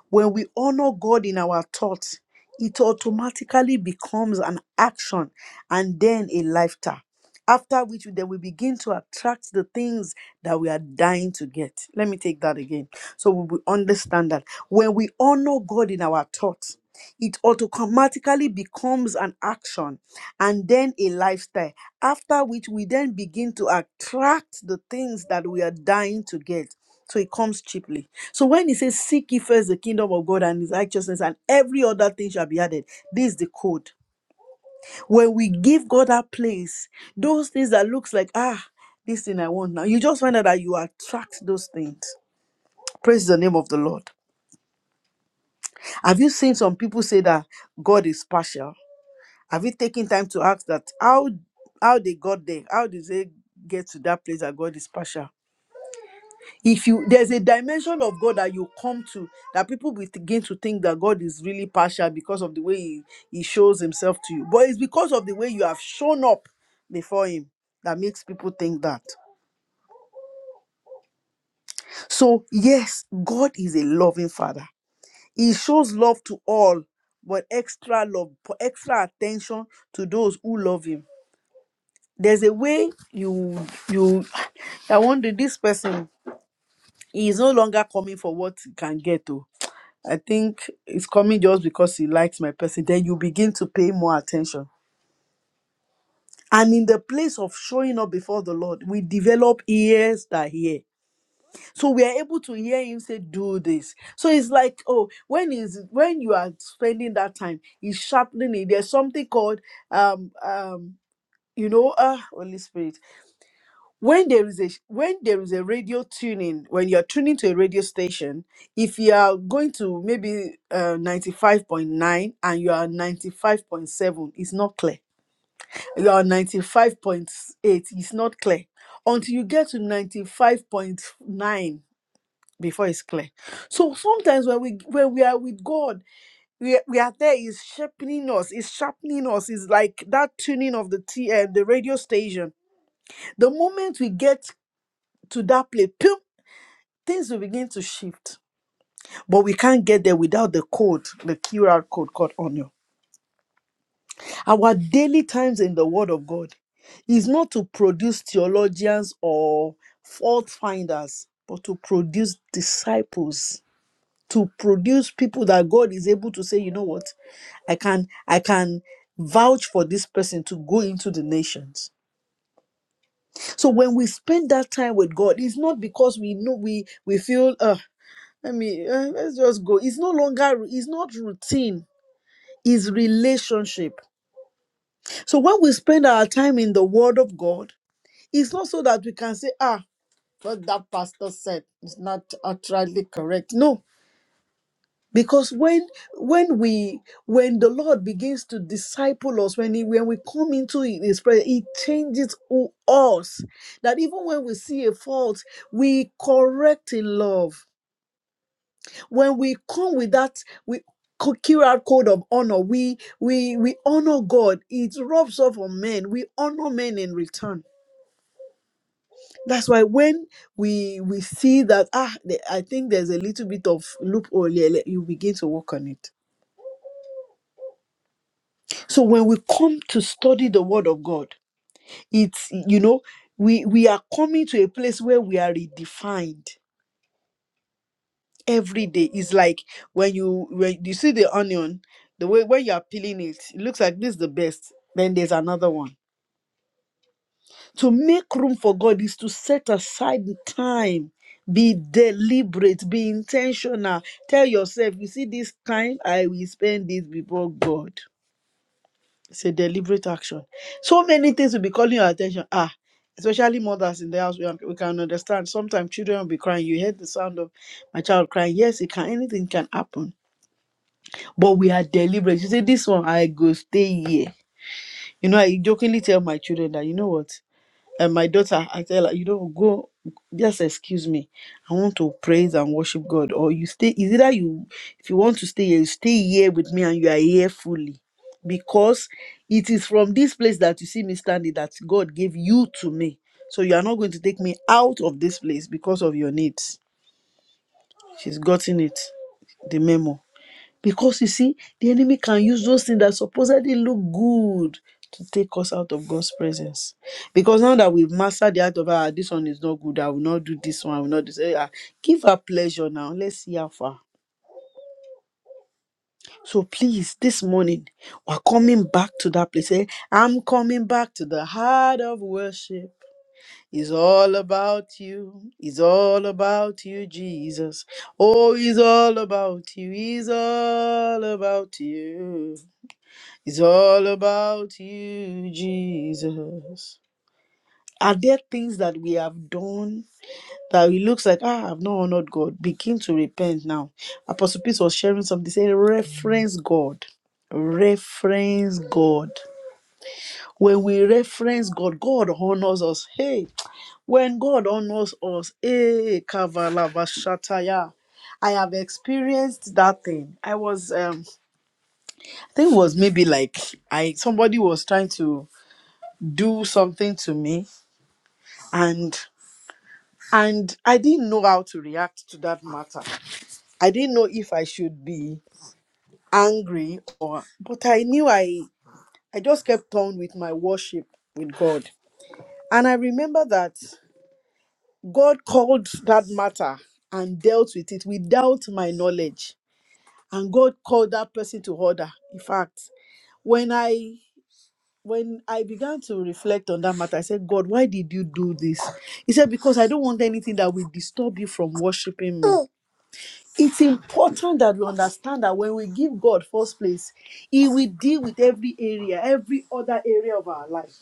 When we honor God in our thoughts, it automatically becomes an action and then a lifestyle. After which then we begin to attract the things that we are dying to get. Let me take that again. So we will understand that when we honor God in our thoughts, it automatically becomes an action and then a lifestyle, after which we then begin to attract the things that we are dying to get. So it comes cheaply. So when he says, Seek ye first the kingdom of God and his righteousness, and every other thing shall be added, this is the code. When we give God that place, those things that looks like, ah, this thing I want now, you just find out that you attract those things. Praise the name of the Lord. Have you seen some people say that God is partial? Have you taken time to ask that how how they got there? How did they get to that place that God is partial? If you there's a dimension of God that you come to that people begin to think that God is really partial because of the way he, he shows himself to you. But it's because of the way you have shown up before him that makes people think that. So, yes, God is a loving father. He shows love to all, but extra love, extra attention to those who love him. there's a way you you i wonder this person he is no longer coming for what he can get to i think it's coming just because he likes my person then you begin to pay more attention and in the place of showing up before the lord we develop ears that hear so we are able to hear him say do this so it's like oh when is when you are spending that time he's sharpening it there's something called um um you know uh holy spirit when there is a sh- when there is a radio tuning when you're tuning to a radio station if you are going to maybe uh, 95.9 and you are 95.7 it's not clear you are 95.8 it's not clear until you get to 95.9 before it's clear so sometimes when we when we are with god we, are- we are there is sharpening us is sharpening us is like that tuning of the t uh, the radio station the moment we get to that place things will begin to shift. But we can't get there without the code, the QR code called on you. Our daily times in the Word of God is not to produce theologians or fault finders, but to produce disciples, to produce people that God is able to say, you know what, I can, I can vouch for this person to go into the nations. So when we spend that time with God, it's not because we know we we feel uh let me uh, let's just go it's no longer it's not routine it's relationship so when we spend our time in the word of god it's not so that we can say ah what that pastor said is not utterly correct no because when when we when the lord begins to disciple us when he, when we come into his presence it changes u- us that even when we see a fault we correct in love when we come with that we co- QR code of honor, we we we honor God. It rubs off on men. We honor men in return. That's why when we we see that ah, the- I think there's a little bit of loophole here. let- You begin to work on it. So when we come to study the Word of God, it's you know we we are coming to a place where we are redefined every day. It's like when you when you see the onion, the way when you are peeling it, it looks like this is the best. Then there's another one. To make room for God is to set aside the time. Be deliberate, be intentional. Tell yourself, you see, this time I will spend this before God. It's a deliberate action. So many things will be calling your attention. Ah, especially mothers in the house, we, we can understand. Sometimes children will be crying. You hear the sound of my child crying. Yes, it can. Anything can happen But we are deliberate. You say this one, I go stay here. You know, I jokingly tell my children that you know what, and my daughter, I tell her, you know, go, just excuse me. I want to praise and worship God. Or you stay. Is either you, if you want to stay here, you stay here with me, and you are here fully, because it is from this place that you see me standing that God gave you to me. So you are not going to take me out of this place because of your needs. She's gotten it, the memo. Because you see, the enemy can use those things that supposedly look good to take us out of God's presence. Because now that we've mastered the art of ah, this one is not good, I will not do this one, I will not do this. ah, give her pleasure now. Let's see how far. So please, this morning, we're coming back to that place. eh, I'm coming back to the heart of worship. It's all about you. It's all about you, Jesus. Oh, it's all about you. It's all about you. It's all about you, Jesus. Are there things that we have done that it looks like, ah, I've not honored God? Begin to repent now. Apostle Peter was sharing something, saying, reference God. Reference God. When we reference God, God honors us. Hey, when God honors us, hey, Kavalabashataya. I have experienced that thing. I was, um, I think it was maybe like I somebody was trying to do something to me and and i didn't know how to react to that matter i didn't know if i should be angry or but i knew i i just kept on with my worship with god and i remember that god called that matter and dealt with it without my knowledge and god called that person to order in fact when i when I began to reflect on that matter, I said, God, why did you do this? He said, Because I don't want anything that will disturb you from worshiping me. It's important that we understand that when we give God first place, He will deal with every area, every other area of our life.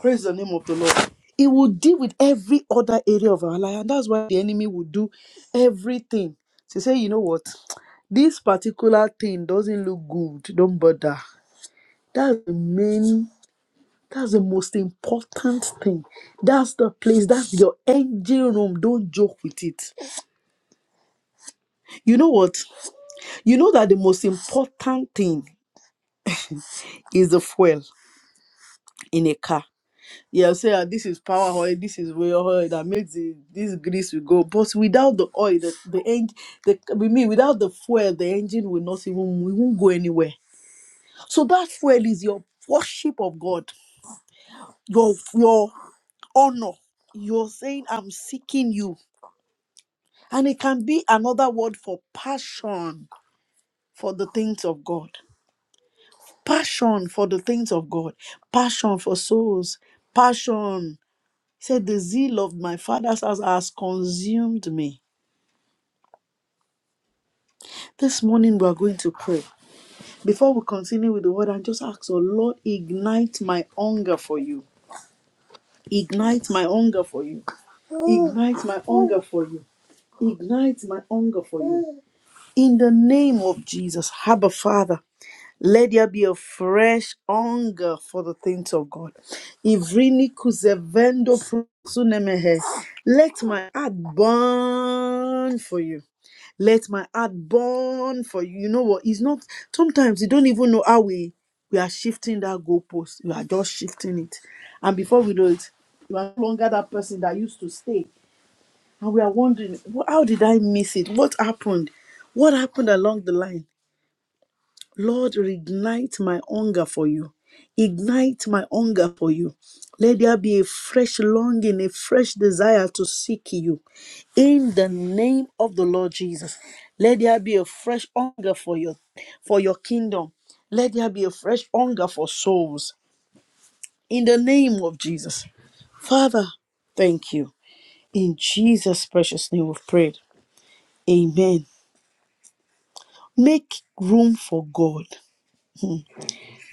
Praise the name of the Lord. He will deal with every other area of our life. And that's why the enemy will do everything to say, you know what? This particular thing doesn't look good. Don't bother. That's the main That's the most important thing. That's the place. That's your engine room. Don't joke with it. You know what? You know that the most important thing is the fuel in a car. Yeah, say ah, this is power oil, this is real oil that makes the, this grease will go. But without the oil, the the engine, the we mean without the fuel, the engine will not even we won't go anywhere. So that fuel is your worship of God, your your honor. You're saying I'm seeking you. And it can be another word for passion for the things of God. Passion for the things of God. Passion for souls. Passion. He said, The zeal of my father's house has consumed me. This morning we are going to pray. Before we continue with the word, I just ask, oh Lord, ignite my hunger for you. Ignite my hunger for you. Ignite my hunger for you. Ignite my hunger for you. In the name of Jesus, Abba Father. Let there be a fresh hunger for the things of God. Ivrini kuzevendo frusunemehe. Let my heart burn for you. Let my heart burn for you. You know what? It's not sometimes you don't even know how we we are shifting that goalpost. You are just shifting it. And before we know it, you are no longer that person that used to stay. And we are wondering, "Wh- how did I miss it? What happened? What happened along the line? Lord, reignite my hunger for you. Ignite my hunger for you. Let there be a fresh longing, a fresh desire to seek you. In the name of the Lord Jesus, let there be a fresh hunger for your, for your kingdom. Let there be a fresh hunger for souls. In the name of Jesus. Father, thank you. In Jesus' precious name we've prayed. Amen. Make room for God.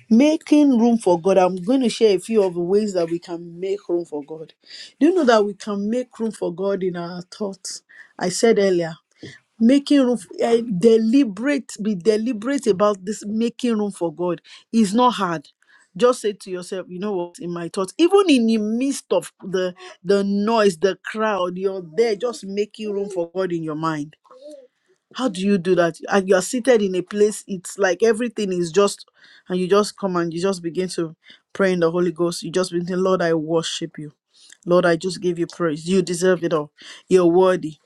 Making room for God. I'm going to share a few of the ways that we can make room for God. Do you know that we can make room for God in our thoughts? I said earlier, making room, uh, deliberate, be deliberate about this making room for God is not hard. Just say to yourself, you know what, in my thoughts, even in the midst of the the noise, the crowd, you're there just making room for God in your mind how do you do that? And you're seated in a place, it's like everything is just, and you just come and you just begin to pray in the Holy Ghost. You just begin to, Lord, I worship you. Lord, I just give you praise. You deserve it all. You're worthy.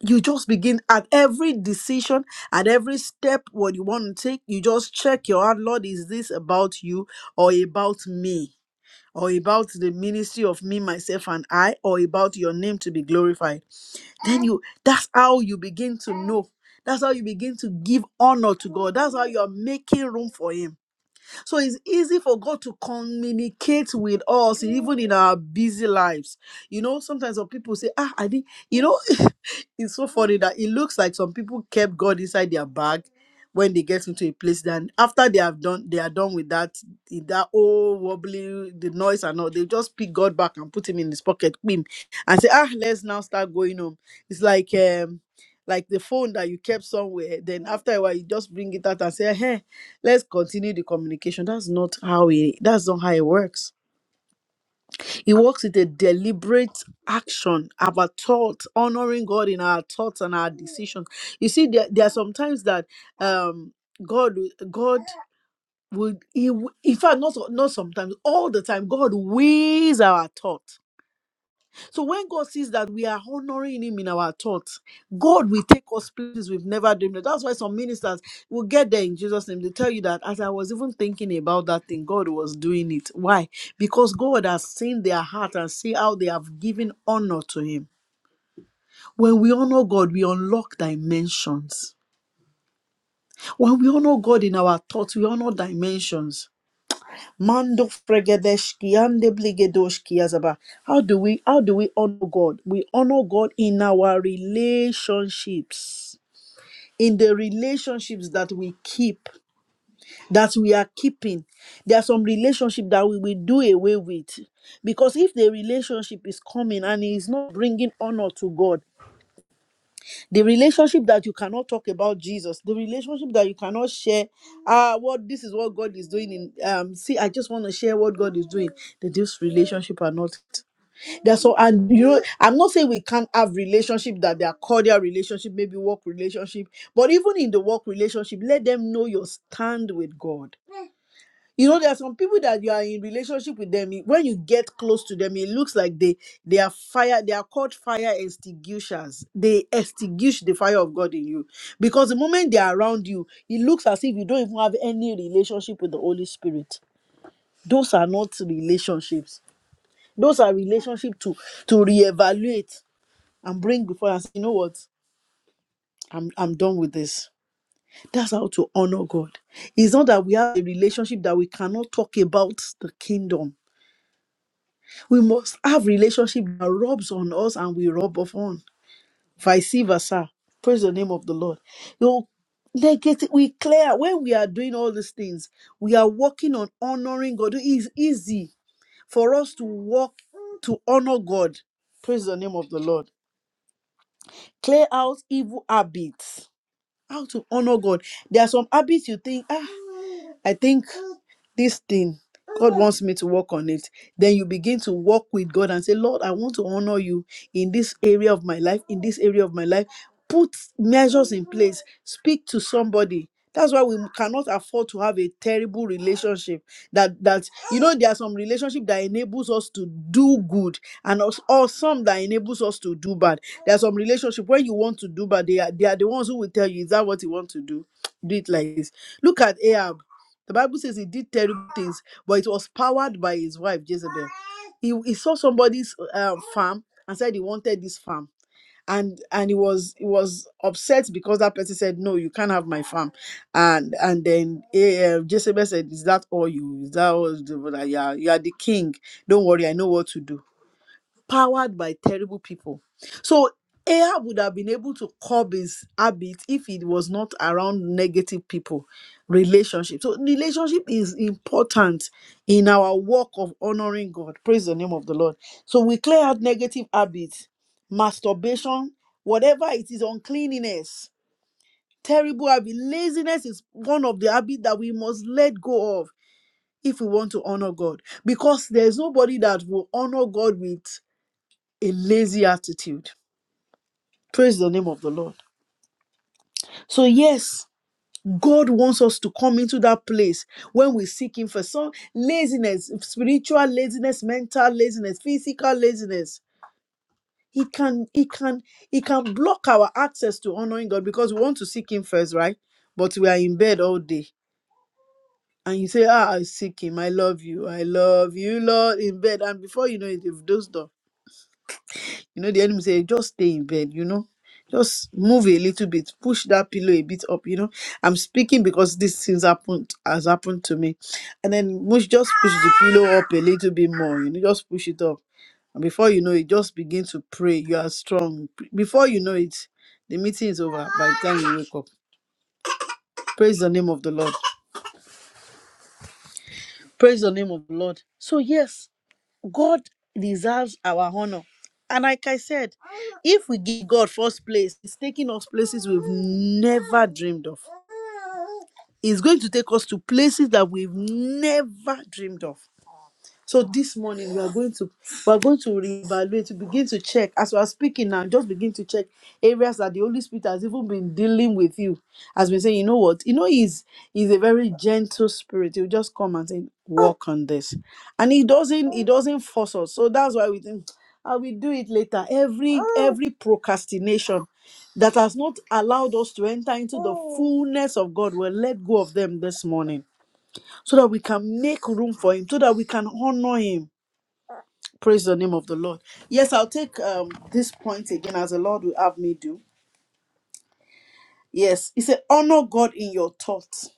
You just begin at every decision, at every step, what you want to take, you just check your heart. Lord, is this about you or about me? Or about the ministry of me, myself, and I, or about your name to be glorified? then you that's how you begin to know that's how you begin to give honor to god that's how you're making room for him so it's easy for god to communicate with us even in our busy lives you know sometimes when people say ah i did it's so funny that it looks like some people kept God inside their bag when they get into a place. Then after they have done, they are done with that, with that oh wobbly, the noise and all. They just pick God back and put him in his pocket, pim, and say, ah, let's now start going home. It's like um, like the phone that you kept somewhere. Then after a while, you just bring it out and say, hey, let's continue the communication. That's not how it. That's not how it works he works with a deliberate action of our thought, honoring God in our thoughts and our decisions. You see, there, there are sometimes that um God God would he, w- in fact not not sometimes all the time God weighs our thought. So when God sees that we are honoring Him in our thoughts, God will take us places we've never dreamed of. That's why some ministers will get there in Jesus' name. They tell you that as I was even thinking about that thing, God was doing it. Why? Because God has seen their heart and see how they have given honor to Him. When we honor God, we unlock dimensions. When we honor God in our thoughts, we honor dimensions. Mando fregedeski and debligedoski azaba. How do we how do we honor God? We honor God in our relationships. In the relationships that we keep, that we are keeping. There are some relationships that we will do away with. Because if the relationship is coming and it is not bringing honor to God, the relationship that you cannot talk about jesus the relationship that you cannot share ah what this is what god is doing in um see i just want to share what god is doing that this relationship are not that's all and you know i'm not saying we can't have relationship that they are cordial relationship maybe work relationship but even in the work relationship let them know your stand with god you know there are some people that you are in relationship with them it- when you get close to them it looks like they they are fire they are called fire extinguishers they extinguish the fire of god in you because the moment they are around you it looks as if you don't even have any relationship with the holy spirit those are not relationships those are relationship to to reevaluate and bring before us you know what i'm i'm done with this that's how to honor god it's not that we have a relationship that we cannot talk about the kingdom We must have relationship that rubs on us and we rub off on. Vice versa. Praise the name of the Lord. You know, negative, we clear when we are doing all these things, we are working on honoring God. It is easy for us to work to honor God. Praise the name of the Lord. Clear out evil habits. How to honor God. There are some habits you think, ah, I think this thing, God wants me to work on it. Then you begin to work with God and say, Lord, I want to honor you in this area of my life, in this area of my life. Put measures in place, speak to somebody. That's why we cannot afford to have a terrible relationship. That that you know there are some relationship that enables us to do good, and also, or some that enables us to do bad. There are some relationship when you want to do bad, they are they are the ones who will tell you is that what you want to do. Do it like this. Look at Ahab the Bible says he did terrible things, but it was powered by his wife Jezebel. He, he saw somebody's um, farm and said he wanted this farm, and and he was he was upset because that person said no, you can't have my farm, and and then eh, eh, Jezebel said, is that all you? Is that all? you do?" like, Yeah, you are the king. Don't worry, I know what to do powered by terrible people. So Ahab would have been able to curb his habit if it was not around negative people, relationship. So relationship is important in our work of honoring God. Praise the name of the Lord. So we clear out negative habits, masturbation, whatever it is, uncleanliness, terrible habit. Laziness is one of the habits that we must let go of if we want to honor God. Because there's nobody that will honor God with a lazy attitude. Praise the name of the Lord. So, yes, God wants us to come into that place when we seek Him for some laziness, spiritual laziness, mental laziness, physical laziness. It can, it can, it can block our access to honoring God because we want to seek Him first, right? But we are in bed all day. And you say, Ah, I seek him. I love you. I love you, Lord, in bed. And before you know it, you've dozed off You know, the enemy say, just stay in bed, you know, just move a little bit, push that pillow a bit up, you know. I'm speaking because this things happened has happened to me. And then mush just push the pillow up a little bit more, you know, just push it up. And before you know it, just begin to pray. You are strong. Before you know it, the meeting is over by the time you wake up. Praise the name of the Lord. Praise the name of the Lord. So yes. God deserves our honor. And like I said, if we give God first place, it's taking us places we've never dreamed of. It's going to take us to places that we've never dreamed of. So this morning we are going to we are going to reevaluate, to begin to check as we are speaking now. Just begin to check areas that the Holy Spirit has even been dealing with you. Has been saying, you know what? You know he's he's a very gentle spirit. He'll just come and say, work on this, and he doesn't he doesn't force us. So that's why we think I will do it later. Every every procrastination that has not allowed us to enter into the fullness of God will let go of them this morning so that we can make room for him, so that we can honor him. Praise the name of the Lord. Yes, I'll take um, this point again as the Lord will have me do. Yes, it's a honor God in your thoughts.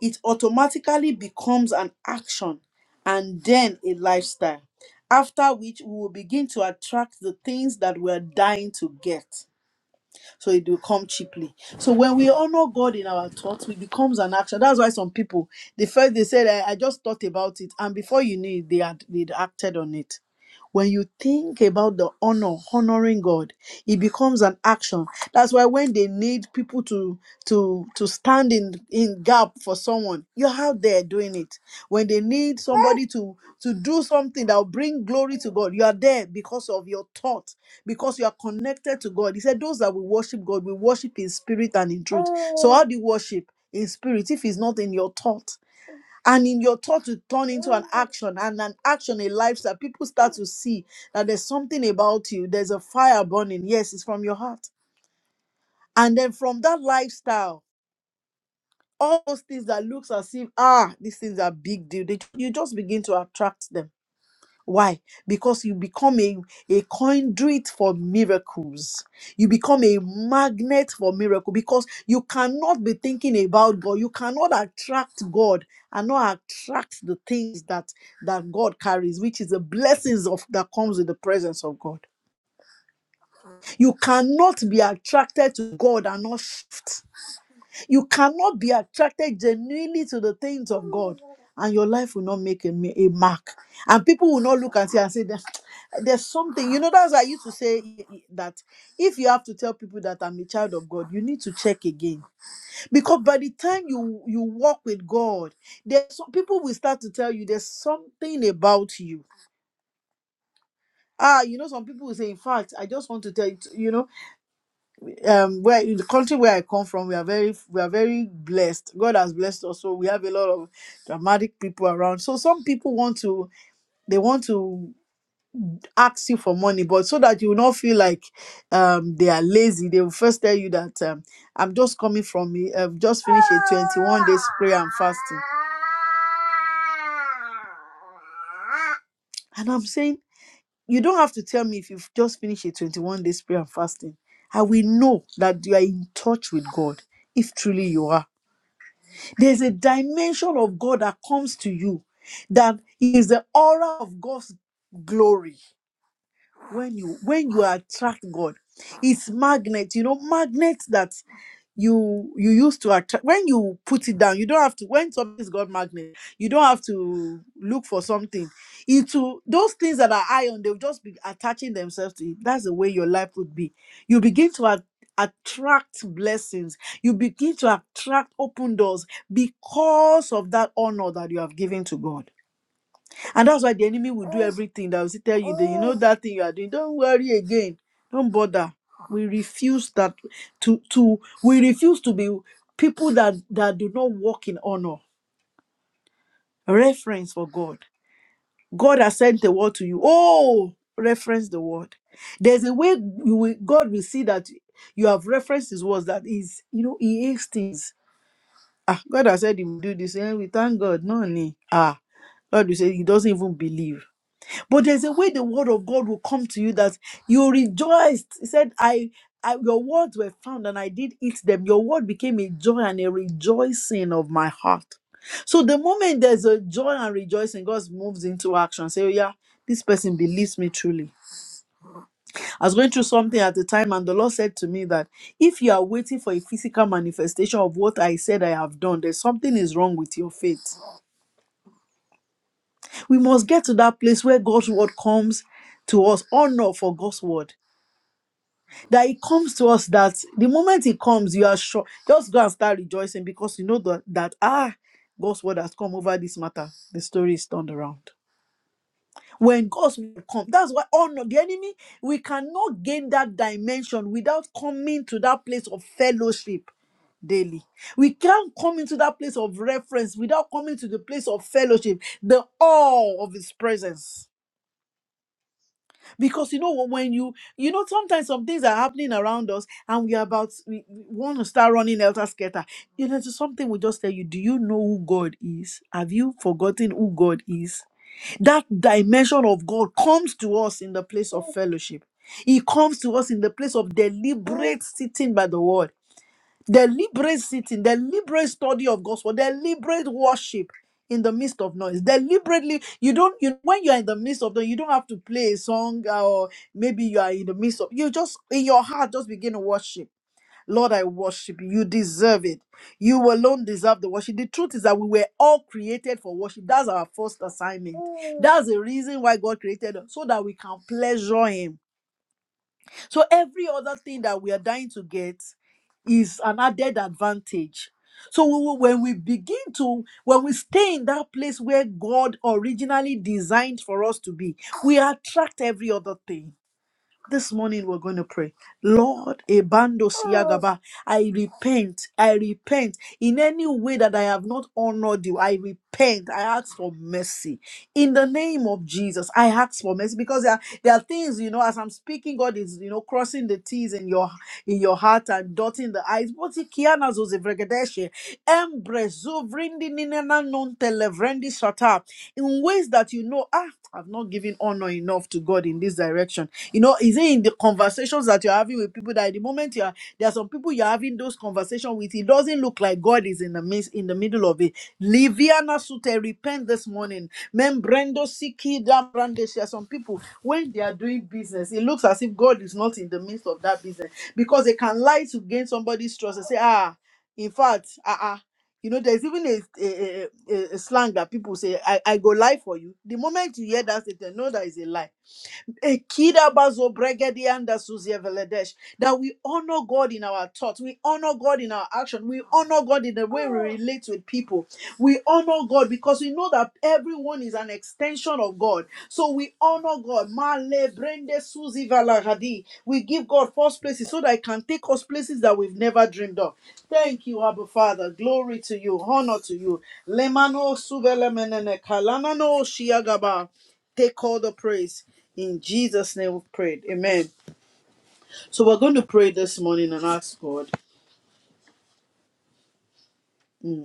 It automatically becomes an action and then a lifestyle, after which we will begin to attract the things that we're dying to get. so it will come cheaply so when we honor god in our thoughts it becomes an action that's why some people the first they said i, I just thought about it and before you knew it they had they acted on it when you think about the honor honoring god it becomes an action that's why when they need people to to to stand in in gap for someone you're out there doing it when they need somebody to to do something that will bring glory to god you are there because of your thought because you are connected to God. He said, Those that will worship God will worship in spirit and in truth. So, how do you worship? In spirit, if it's not in your thought. And in your thought to turn into an action, and an action, a lifestyle. People start to see that there's something about you. There's a fire burning. Yes, it's from your heart. And then from that lifestyle, all those things that looks as if ah, these things are big deal. They, you just begin to attract them Why? Because you become a, a conduit for miracles. You become a magnet for miracle because you cannot be thinking about God. You cannot attract God and not attract the things that, that God carries, which is the blessings of that comes with the presence of God. You cannot be attracted to God and not shift. You cannot be attracted genuinely to the things of God, and your life will not make a, ma- a mark. And people will not look and say and say that there's something. You know, that's why I used to say that if you have to tell people that I'm a child of God, you need to check again. Because by the time you you walk with God, there's some people will start to tell you there's something about you. Ah, you know, some people will say, in fact, I just want to tell you, you know um where in the country where i come from we are very we are very blessed god has blessed us so we have a lot of dramatic people around so some people want to they want to ask you for money but so that you will not feel like um they are lazy they will first tell you that um, i'm just coming from me i've just finished a 21 days prayer and fasting and i'm saying you don't have to tell me if you've just finished a 21 days prayer and fasting. I will know that you are in touch with God if truly you are. There's a dimension of God that comes to you that is the aura of God's glory when you when you attract God. It's magnet, you know, magnet that you you used to attract when you put it down you don't have to when something's got magnet you don't have to look for something into those things that are iron they'll just be attaching themselves to it that's the way your life would be you begin to at- attract blessings you begin to attract open doors because of that honor that you have given to god and that's why the enemy will do everything that will still tell you that you know that thing you are doing. Don't worry again. Don't bother. We refuse that to to we refuse to be people that that do not walk in honor. Reference for God. God has sent the word to you. Oh, reference the word. There's a way you will, God will see that you have referenced His words. That is, you know, He hates things. Ah, God has said He will do this, and we thank God. No, nee. ah, God will say He doesn't even believe But there's a way the word of God will come to you that you rejoiced. He said, I, I your words were found and I did eat them. Your word became a joy and a rejoicing of my heart. So the moment there's a joy and rejoicing, God moves into action. Say, oh, yeah, this person believes me truly. I was going through something at the time, and the Lord said to me that if you are waiting for a physical manifestation of what I said I have done, there's something is wrong with your faith. We must get to that place where God's word comes to us, honor for God's word. that it comes to us that the moment it comes, you are sure. Just go and start rejoicing because you know that, that ah, God's word has come over this matter. The story is turned around. When God's word comes, that's why oh no, the enemy, we cannot gain that dimension without coming to that place of fellowship daily. We can't come into that place of reference without coming to the place of fellowship, the awe of his presence because you know what when you you know sometimes some things are happening around us and we are about we, we want to start running helter skelter you know there's something we just tell you do you know who god is have you forgotten who god is that dimension of god comes to us in the place of fellowship He comes to us in the place of deliberate sitting by the word deliberate sitting, deliberate study of gospel, deliberate worship in the midst of noise. Deliberately, you don't you when you are in the midst of the you don't have to play a song uh, or maybe you are in the midst of you just in your heart just begin to worship. Lord, I worship you. You deserve it. You alone deserve the worship. The truth is that we were all created for worship. That's our first assignment. That's the reason why God created us so that we can pleasure Him so every other thing that we are dying to get is an added advantage. So we will- when we begin to, when we stay in that place where God originally designed for us to be, we attract every other thing. This morning we're going to pray. Lord, ebando siagaba, I repent. I repent in any way that I have not honored you. I repent. I ask for mercy in the name of Jesus. I ask for mercy because there are, there are things you know. As I'm speaking, God is you know crossing the T's in your in your heart and dotting the I's. But kiana zozevregedeshe, embrezovrindi ninena non televrendi shata in ways that you know ah. I've not given honor enough to God in this direction you know, is it in the conversations that you're having with people that at the moment you are there are some people you're having those conversations with, it doesn't look like God is in the midst in the middle of it. Liviana Sute, repent this morning. Membrando Siki Dam Brande. There are some people when they are doing business, it looks as if God is not in the midst of that business because they can lie to gain somebody's trust and say, ah, in fact, ah ah. You know, there's even a, a, a, a- a slang that people say, I, I go lie for you. The moment you hear that statement, know that is a lie Ekida bazo bregedi anda suzie veledesh. That we honor God in our thoughts, we honor God in our action, we honor God in the way we relate with people. We honor God because we know that everyone is an extension of God. So we honor God. Male brende suzi valahadi. We give God first places so that He can take us places that we've never dreamed of. Thank you, Abba Father. Glory to you. Honor to you. Lemano suvele menene kalanano shiagaba. Take all the praise. In Jesus' name we prayed. Amen. So we're going to pray this morning and ask God. Hmm.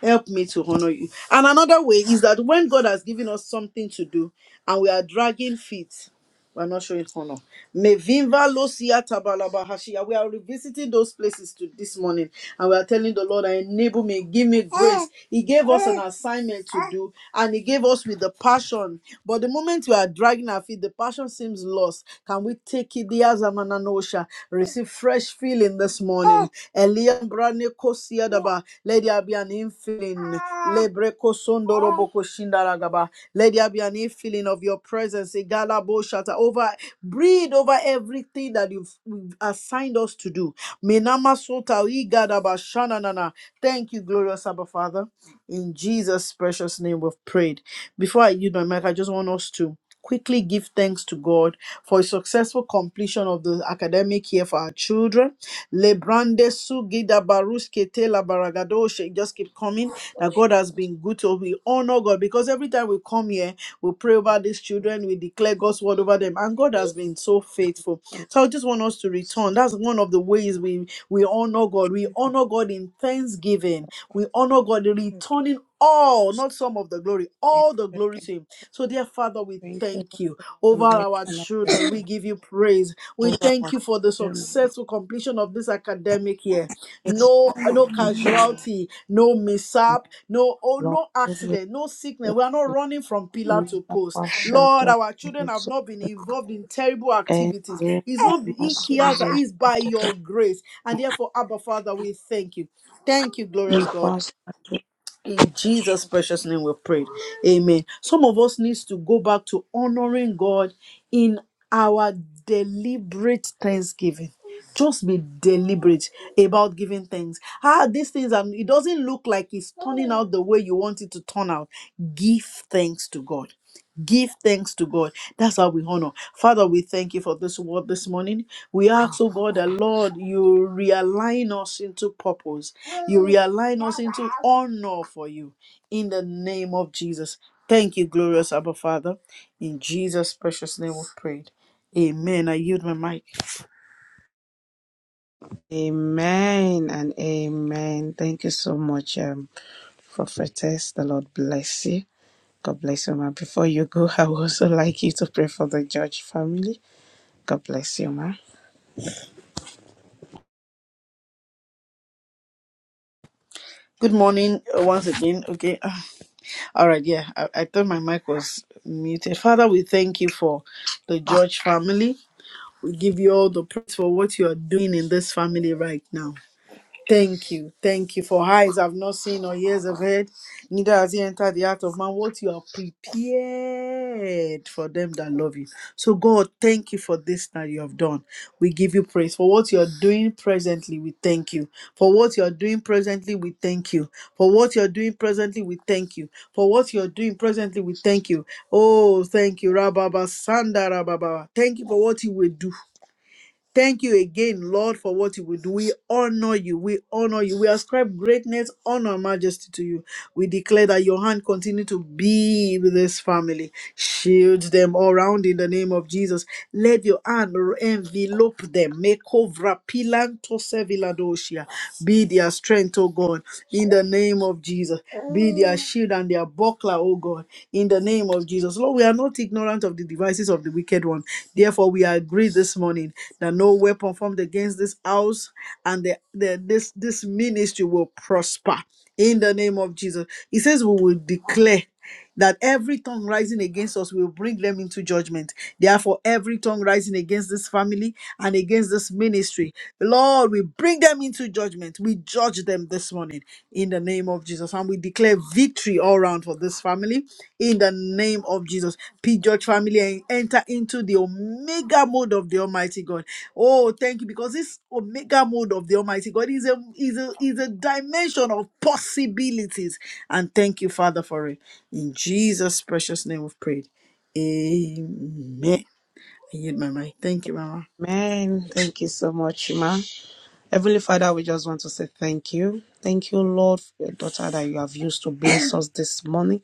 Help me to honor you. And another way is that when God has given us something to do and we are dragging feet, we're not showing honor. Mevimva losia tabalabahashia. We are revisiting those places to this morning and we are telling the Lord, enable me, give me grace. He gave us an assignment to do and He gave us with the passion. But the moment we are dragging our feet, the passion seems lost. Can we take it? Diaz Receive fresh feeling infilling this morning. Elian Brane Kosiadaba. Let there be an infilling. Lebreko Sondoroboko Shindaragaba. Let there be an infilling of your presence. Igala Boshata. Over breathe over everything that you've assigned us to do. Minama Sota Igadaba Shananana. Thank you, glorious Abba Father. In Jesus' precious name we've prayed. Before I use my mic, I just want us to quickly give thanks to God for a successful completion of the academic year for our children. Lebrande Sugida Baruske Tela Baragadoshe. Just keep coming. That God has been good to us. We honor God because every time we come here, we pray over these children, we declare God's word over them. And God has been so faithful. So I just want us to return. That's one of the ways we, we honor God. We honor God in thanksgiving. We honor God in returning all, not some of the glory, all the glory to Him so, dear Father, we thank you over our children. We give you praise. We thank you for the successful completion of this academic year.
Yes,
No, no casualty, no mishap, no, oh, no accident, no sickness. We are not running from pillar to post. Lord, our children have not been involved in terrible activities. It's not the Ikiasa, it's by your grace. And therefore, Abba Father, we thank you. Thank you, glorious God. In Jesus' precious name we prayed. Amen. Some of us needs to go back to honoring God in our deliberate thanksgiving. Just be deliberate about giving thanks. Ah, these things and it doesn't look like it's turning out the way you want it to turn out. Give thanks to God. Give thanks to God. That's how we honor. Father, we thank you for this word this morning. We ask, oh God, that Lord, you realign us into purpose. You realign us into honor for you. In the name of Jesus. Thank you, glorious Abba Father. In Jesus' precious name we prayed. Amen. I yield my mic.
Amen and amen. Thank you so much, um, prophetess. The Lord bless you. God bless you, ma. Before you go, I would also like you to pray for the George family. God bless you, ma.
Good morning uh, once again. Okay. All right. Yeah. I, I thought my mic was muted. Father, we thank you for the George family. We give you all the praise for what you are doing in this family right now. Thank you. Thank you. For eyes have not seen or ears have heard, neither has he entered the heart of man. What you have prepared for them that love you. So, God, thank you for this that you have done. We give you praise for what you are doing presently. We thank you. For what you are doing presently, we thank you. For what you are doing presently, we thank you. For what you are doing presently, we thank you. Oh, thank you, Rababa Sanda Rababa. Thank you for what you will do. Thank you again, Lord, for what you will do. We honor you. We honor you. We ascribe greatness, honor, majesty to you. We declare that your hand continue to be with this family. Shield them all round in the name of Jesus. Let your hand envelope them. Make over pilanto seviladosia. Be their strength, O God, in the name of Jesus. Be their shield and their buckler, O oh God, in the name of Jesus. Lord, we are not ignorant of the devices of the wicked one. Therefore, we agree this morning that no weapon formed against this house and the, the, this, this ministry will prosper in the name of Jesus. He says we will declare that every tongue rising against us will bring them into judgment. Therefore, every tongue rising against this family and against this ministry, Lord, we bring them into judgment. We judge them this morning in the name of Jesus. And we declare victory all round for this family in the name of Jesus. P George family and enter into the omega mode of the Almighty God. Oh, thank you. Because this omega mode of the Almighty God is a is a is a dimension of possibilities. And thank you, Father, for it. In Jesus' precious name we've prayed. Amen. I yield my mic. Thank you, Mama.
Amen. Thank you so much, ma. Heavenly Father, we just want to say thank you. Thank you, Lord, for your daughter that you have used to bless us this morning.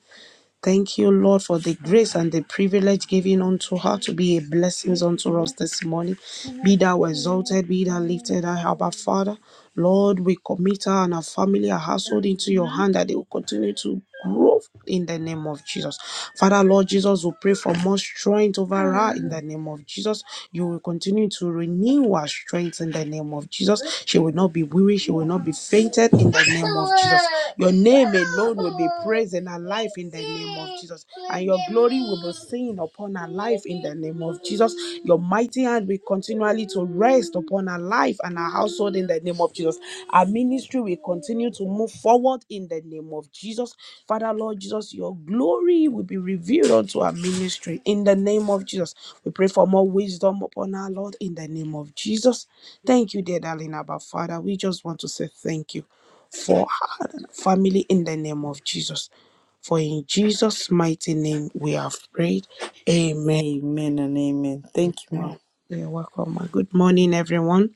Thank you, Lord, for the grace and the privilege given unto her to be a blessing unto us this morning. Be thou exalted, be thou lifted, I have our Father. Lord, we commit her and her family, her household into your hand that they will continue to grow in the name of Jesus. Father, Lord Jesus, we pray for more strength over her in the name of Jesus. You will continue to renew our strength in the name of Jesus. She will not be weary. She will not be fainted in the name of Jesus. Your name alone will be praised in her life in the name of Jesus. And your glory will be seen upon her life in the name of Jesus. Your mighty hand will continually to rest upon her life and her household in the name of Jesus. Our ministry will continue to move forward in the name of Jesus. Father, Lord Jesus, your glory will be revealed unto our ministry in the name of Jesus. We pray for more wisdom upon our Lord in the name of Jesus. Thank you, dear darling Abba Father. We just want to say thank you for our family in the name of Jesus. For in Jesus' mighty name we have prayed. Amen.
Amen and amen. Thank you, ma.
You're welcome. and Good morning, everyone.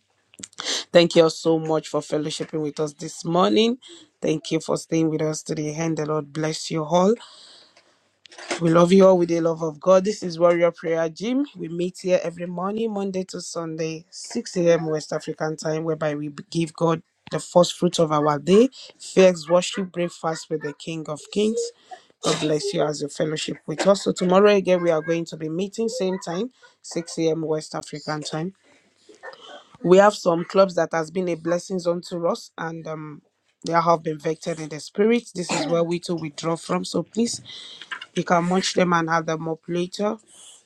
Thank you all so much for fellowshipping with us this morning. Thank you for staying with us to the end. The Lord bless you all. We love you all with the love of God. This is Warrior Prayer Gym. We meet here every morning, Monday to Sunday, 6 a.m. West African time, whereby we give God the first fruit of our day. First worship breakfast with the King of Kings. God bless you as you fellowship with us. So tomorrow again, we are going to be meeting same time, 6 a.m. West African time. We have some clubs that has been a blessing unto us, and um, they have been vectored in the spirit. This is where we to withdraw from. So please you can munch them and have them up later.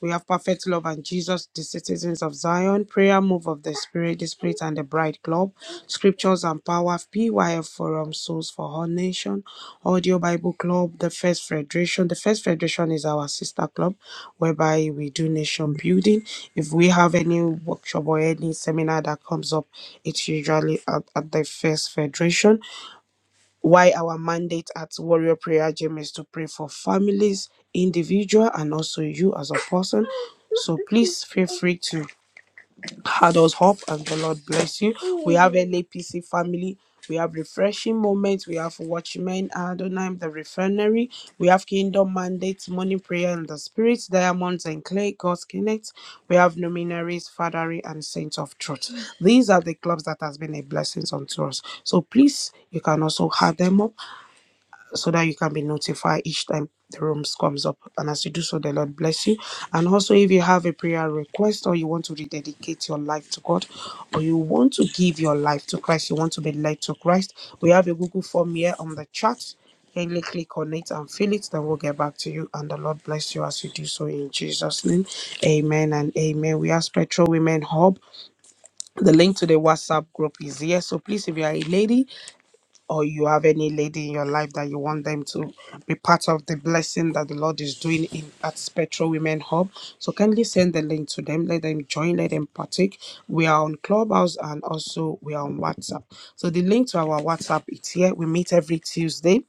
We have Perfect Love and Jesus, the Citizens of Zion, Prayer Move of the Spirit, the Spirit and the Bride Club, Scriptures and Power, PYF Forum, Souls for All Nation, Audio Bible Club, the First Federation. The First Federation is our sister club whereby we do nation building. If we have any workshop or any seminar that comes up, it's usually at, at the First Federation why our mandate at Warrior Prayer Gym is to pray for families, individual, and also you as a person. So please feel free to add us up and the Lord bless you. We have LAPC family. We have refreshing moments. We have Watchmen Adonai, the refinery. We have Kingdom Mandates, Morning Prayer in the Spirit, Diamonds and Clay, God's Connect. We have Luminaries, Fathery, and Saints of Truth. These are the clubs that has been a blessing unto us. So please, you can also add them up so that you can be notified each time the rooms comes up and as you do so the lord bless you and also if you have a prayer request or you want to rededicate your life to god or you want to give your life to christ you want to be led to christ we have a google form here on the chat kindly click on it and fill it then we'll get back to you and the lord bless you as you do so in jesus name amen and amen we are spectral women hub the link to the whatsapp group is here so please if you are a lady or you have any lady in your life that you want them to be part of the blessing that the Lord is doing in at Spectral Women Hub. So kindly send the link to them, let them join, let them partake. We are on Clubhouse and also we are on WhatsApp. So the link to our WhatsApp is here. We meet every Tuesday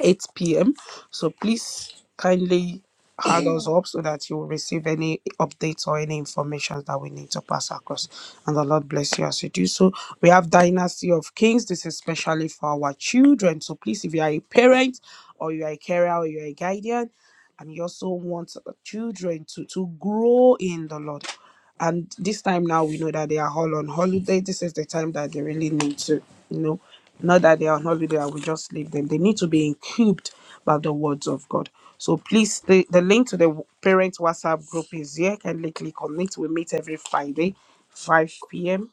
8 p.m. So please kindly add us up so that you will receive any updates or any information that we need to pass across. And the Lord bless you as you do so. We have Dynasty of Kings. This is especially for our children. So please, if you are a parent or you are a carer or you are a guardian, and you also want children to, to grow in the Lord and this time now we know that they are all on holiday this is the time that they really need to you know not that they are on holiday i will just leave them they need to be equipped by the words of god so please the, the link to the parent whatsapp group is here kindly click on it we meet every friday 5 p.m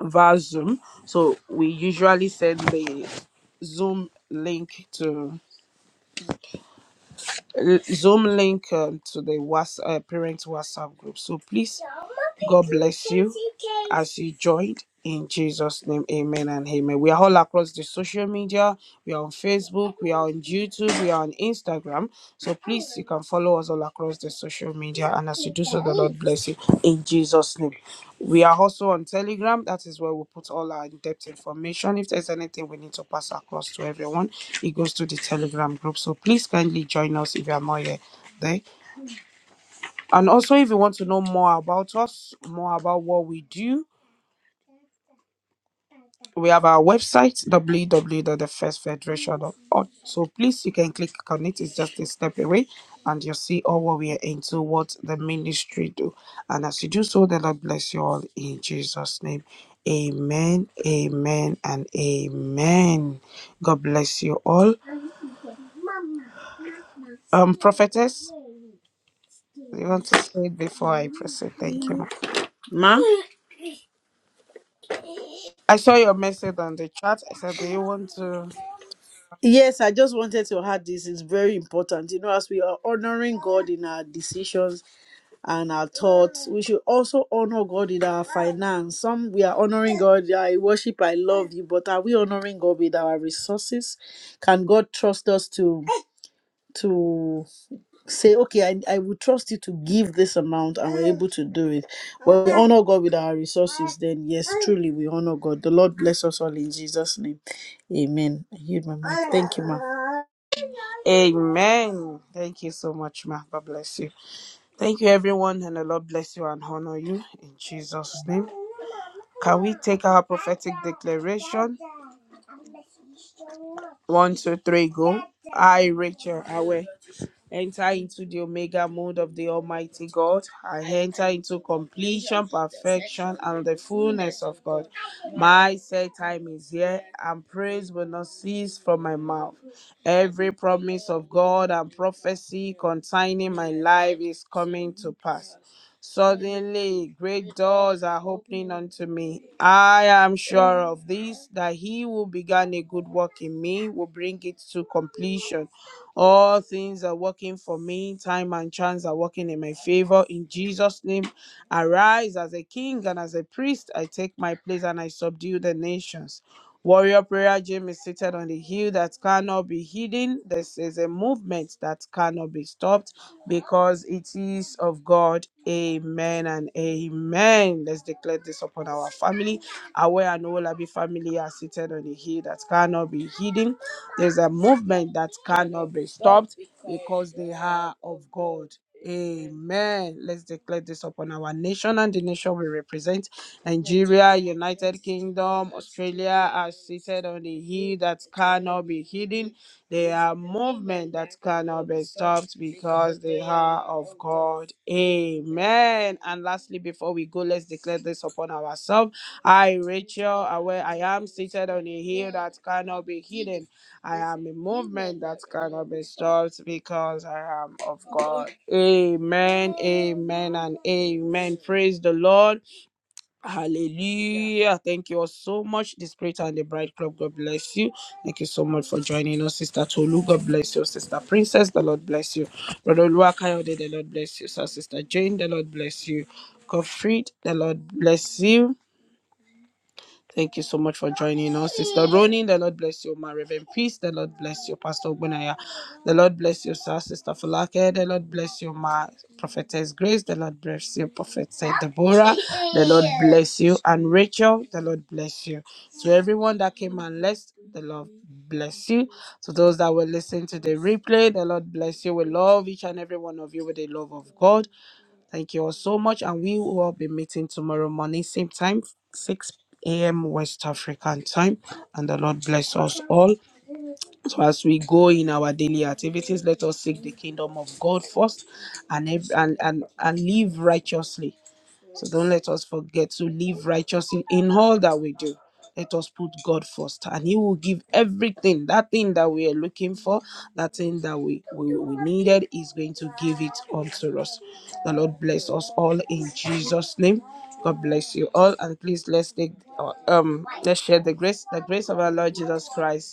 via zoom so we usually send the zoom link to l- Zoom link um, to the WhatsApp, uh, parent WhatsApp group. So please, God bless you as you joined. In Jesus' name, amen and amen. We are all across the social media. We are on Facebook, we are on YouTube, we are on Instagram. So please, you can can follow us all across the social media. And as you do so, the Lord bless you in Jesus' name. We are also on Telegram. That is where we put all our in depth information. If there's anything we need to pass across to everyone, it goes to the Telegram group. So please kindly join us if you are not yet there. And also, if you want to know more about us, more about what we do, we have our website w w w dot the first federation dot org. So please, you can click on it. It's just a step away, and you'll see all what we are into, what the ministry do. And as you do so, the Lord bless you all in Jesus' name. Amen, amen, and amen. God bless you all. Um, prophetess, you want to say it before I proceed? Thank you. ma'am.
Ma?
I saw your message on the chat. I said, do you want to?
Yes, I just wanted to add this. It's very important. You know, as we are honoring God in our decisions, and our thoughts. We should also honor God in our finance. Some we are honoring God, "Yeah, I worship, I love you, but are we honoring God with our resources? Can God trust us to to say, okay, I, I will trust you to give this amount and we're able to do it? When we honor God with our resources, then yes, truly we honor God. The Lord bless us all in Jesus' name. Amen. I yield my mic. Thank you, ma.
Amen. Thank you so much, Ma. God bless you. Thank you, everyone, and the Lord bless you and honor you in Jesus' name. Can we take our prophetic declaration? One, two, three, go. I, Rachel, away enter into the omega mode of the Almighty God. I enter into completion, perfection, and the fullness of God. My set time is here, and praise will not cease from my mouth. Every promise of God and prophecy concerning my life is coming to pass. Suddenly, great doors are opening unto me. I am sure of this that he who began a good work in me will bring it to completion. All things are working for me. Time and chance are working in my favor. In Jesus' name, arise as a king and as a priest. I take my place and I subdue the nations. Warrior Prayer Gym is seated on the hill that cannot be hidden. This is a movement that cannot be stopped because it is of God. Amen and amen. Let's declare this upon our family. Aware and Olabi family are seated on the hill that cannot be hidden there's a movement that cannot be stopped because they are of God. Amen. Let's declare this upon our nation and the nation we represent. Nigeria, United Kingdom, Australia are seated on the hill that cannot be hidden. They are movement that cannot be stopped because they are of God. Amen. And lastly, before we go, let's declare this upon ourselves. I, Rachel, aware I am seated on a hill that cannot be hidden. I am a movement that cannot be stopped because I am of God. Amen, amen, and amen. Praise the Lord. Hallelujah. Thank you all so much, the Spirit and the Bride Club. God bless you. Thank you so much for joining us, Sister Tolu. God bless you, Sister Princess. The Lord bless you. Brother Luakayode, the Lord bless you. Sir, Sister Jane, the Lord bless you. Godfried, the Lord bless you. Thank you so much for joining us. Sister Ronin, the Lord bless you, my Reverend Peace. The Lord bless you, Pastor Ogunaya. The Lord bless you, sir, Sister Falake. The Lord bless you, my Prophetess Grace. The Lord bless you, Prophetess Deborah. The Lord bless you. And Rachel, the Lord bless you. To everyone that came and left, the Lord bless you. To those that were listening to the replay, the Lord bless you. We love each and every one of you with the love of God. Thank you all so much. And we will all be meeting tomorrow morning, same time, 6 a.m. West African time. And the Lord bless us all. So as we go in our daily activities, let us seek the kingdom of God first and ev- and and, and live righteously so don't let us forget to live righteously in all that we do. Let us put God first, and He will give everything that thing that we are looking for, that thing that we, we, we needed, is going to give it unto us. The Lord bless us all in Jesus' name. God bless you all, and please let's take uh, um let's share the grace, the grace of our Lord Jesus Christ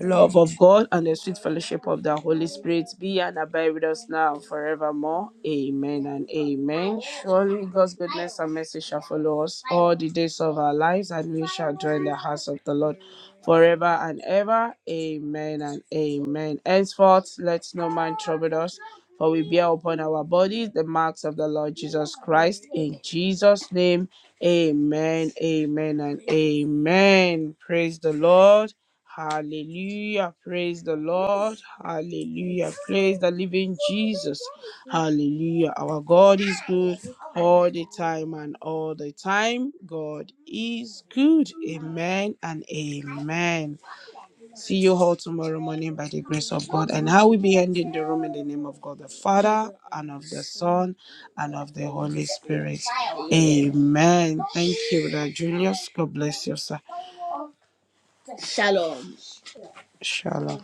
love of God and the sweet fellowship of the Holy Spirit be and abide with us now and forevermore. Amen and amen. Surely God's goodness and mercy shall follow us all the days of our lives, and we shall dwell in the house of the Lord forever and ever. Amen and amen. Henceforth, let no man trouble us, for we bear upon our bodies the marks of the Lord Jesus Christ. In Jesus' name, amen, amen, and amen. Praise the Lord. Hallelujah. Praise the Lord. Hallelujah. Praise the living Jesus. Hallelujah. Our God is good all the time and all the time. God is good. Amen and amen. See you all tomorrow morning by the grace of God. And how we be ending the room in the name of God the Father and of the Son and of the Holy Spirit. Amen. Thank you, Brother Julius. God bless you, sir. Shalom.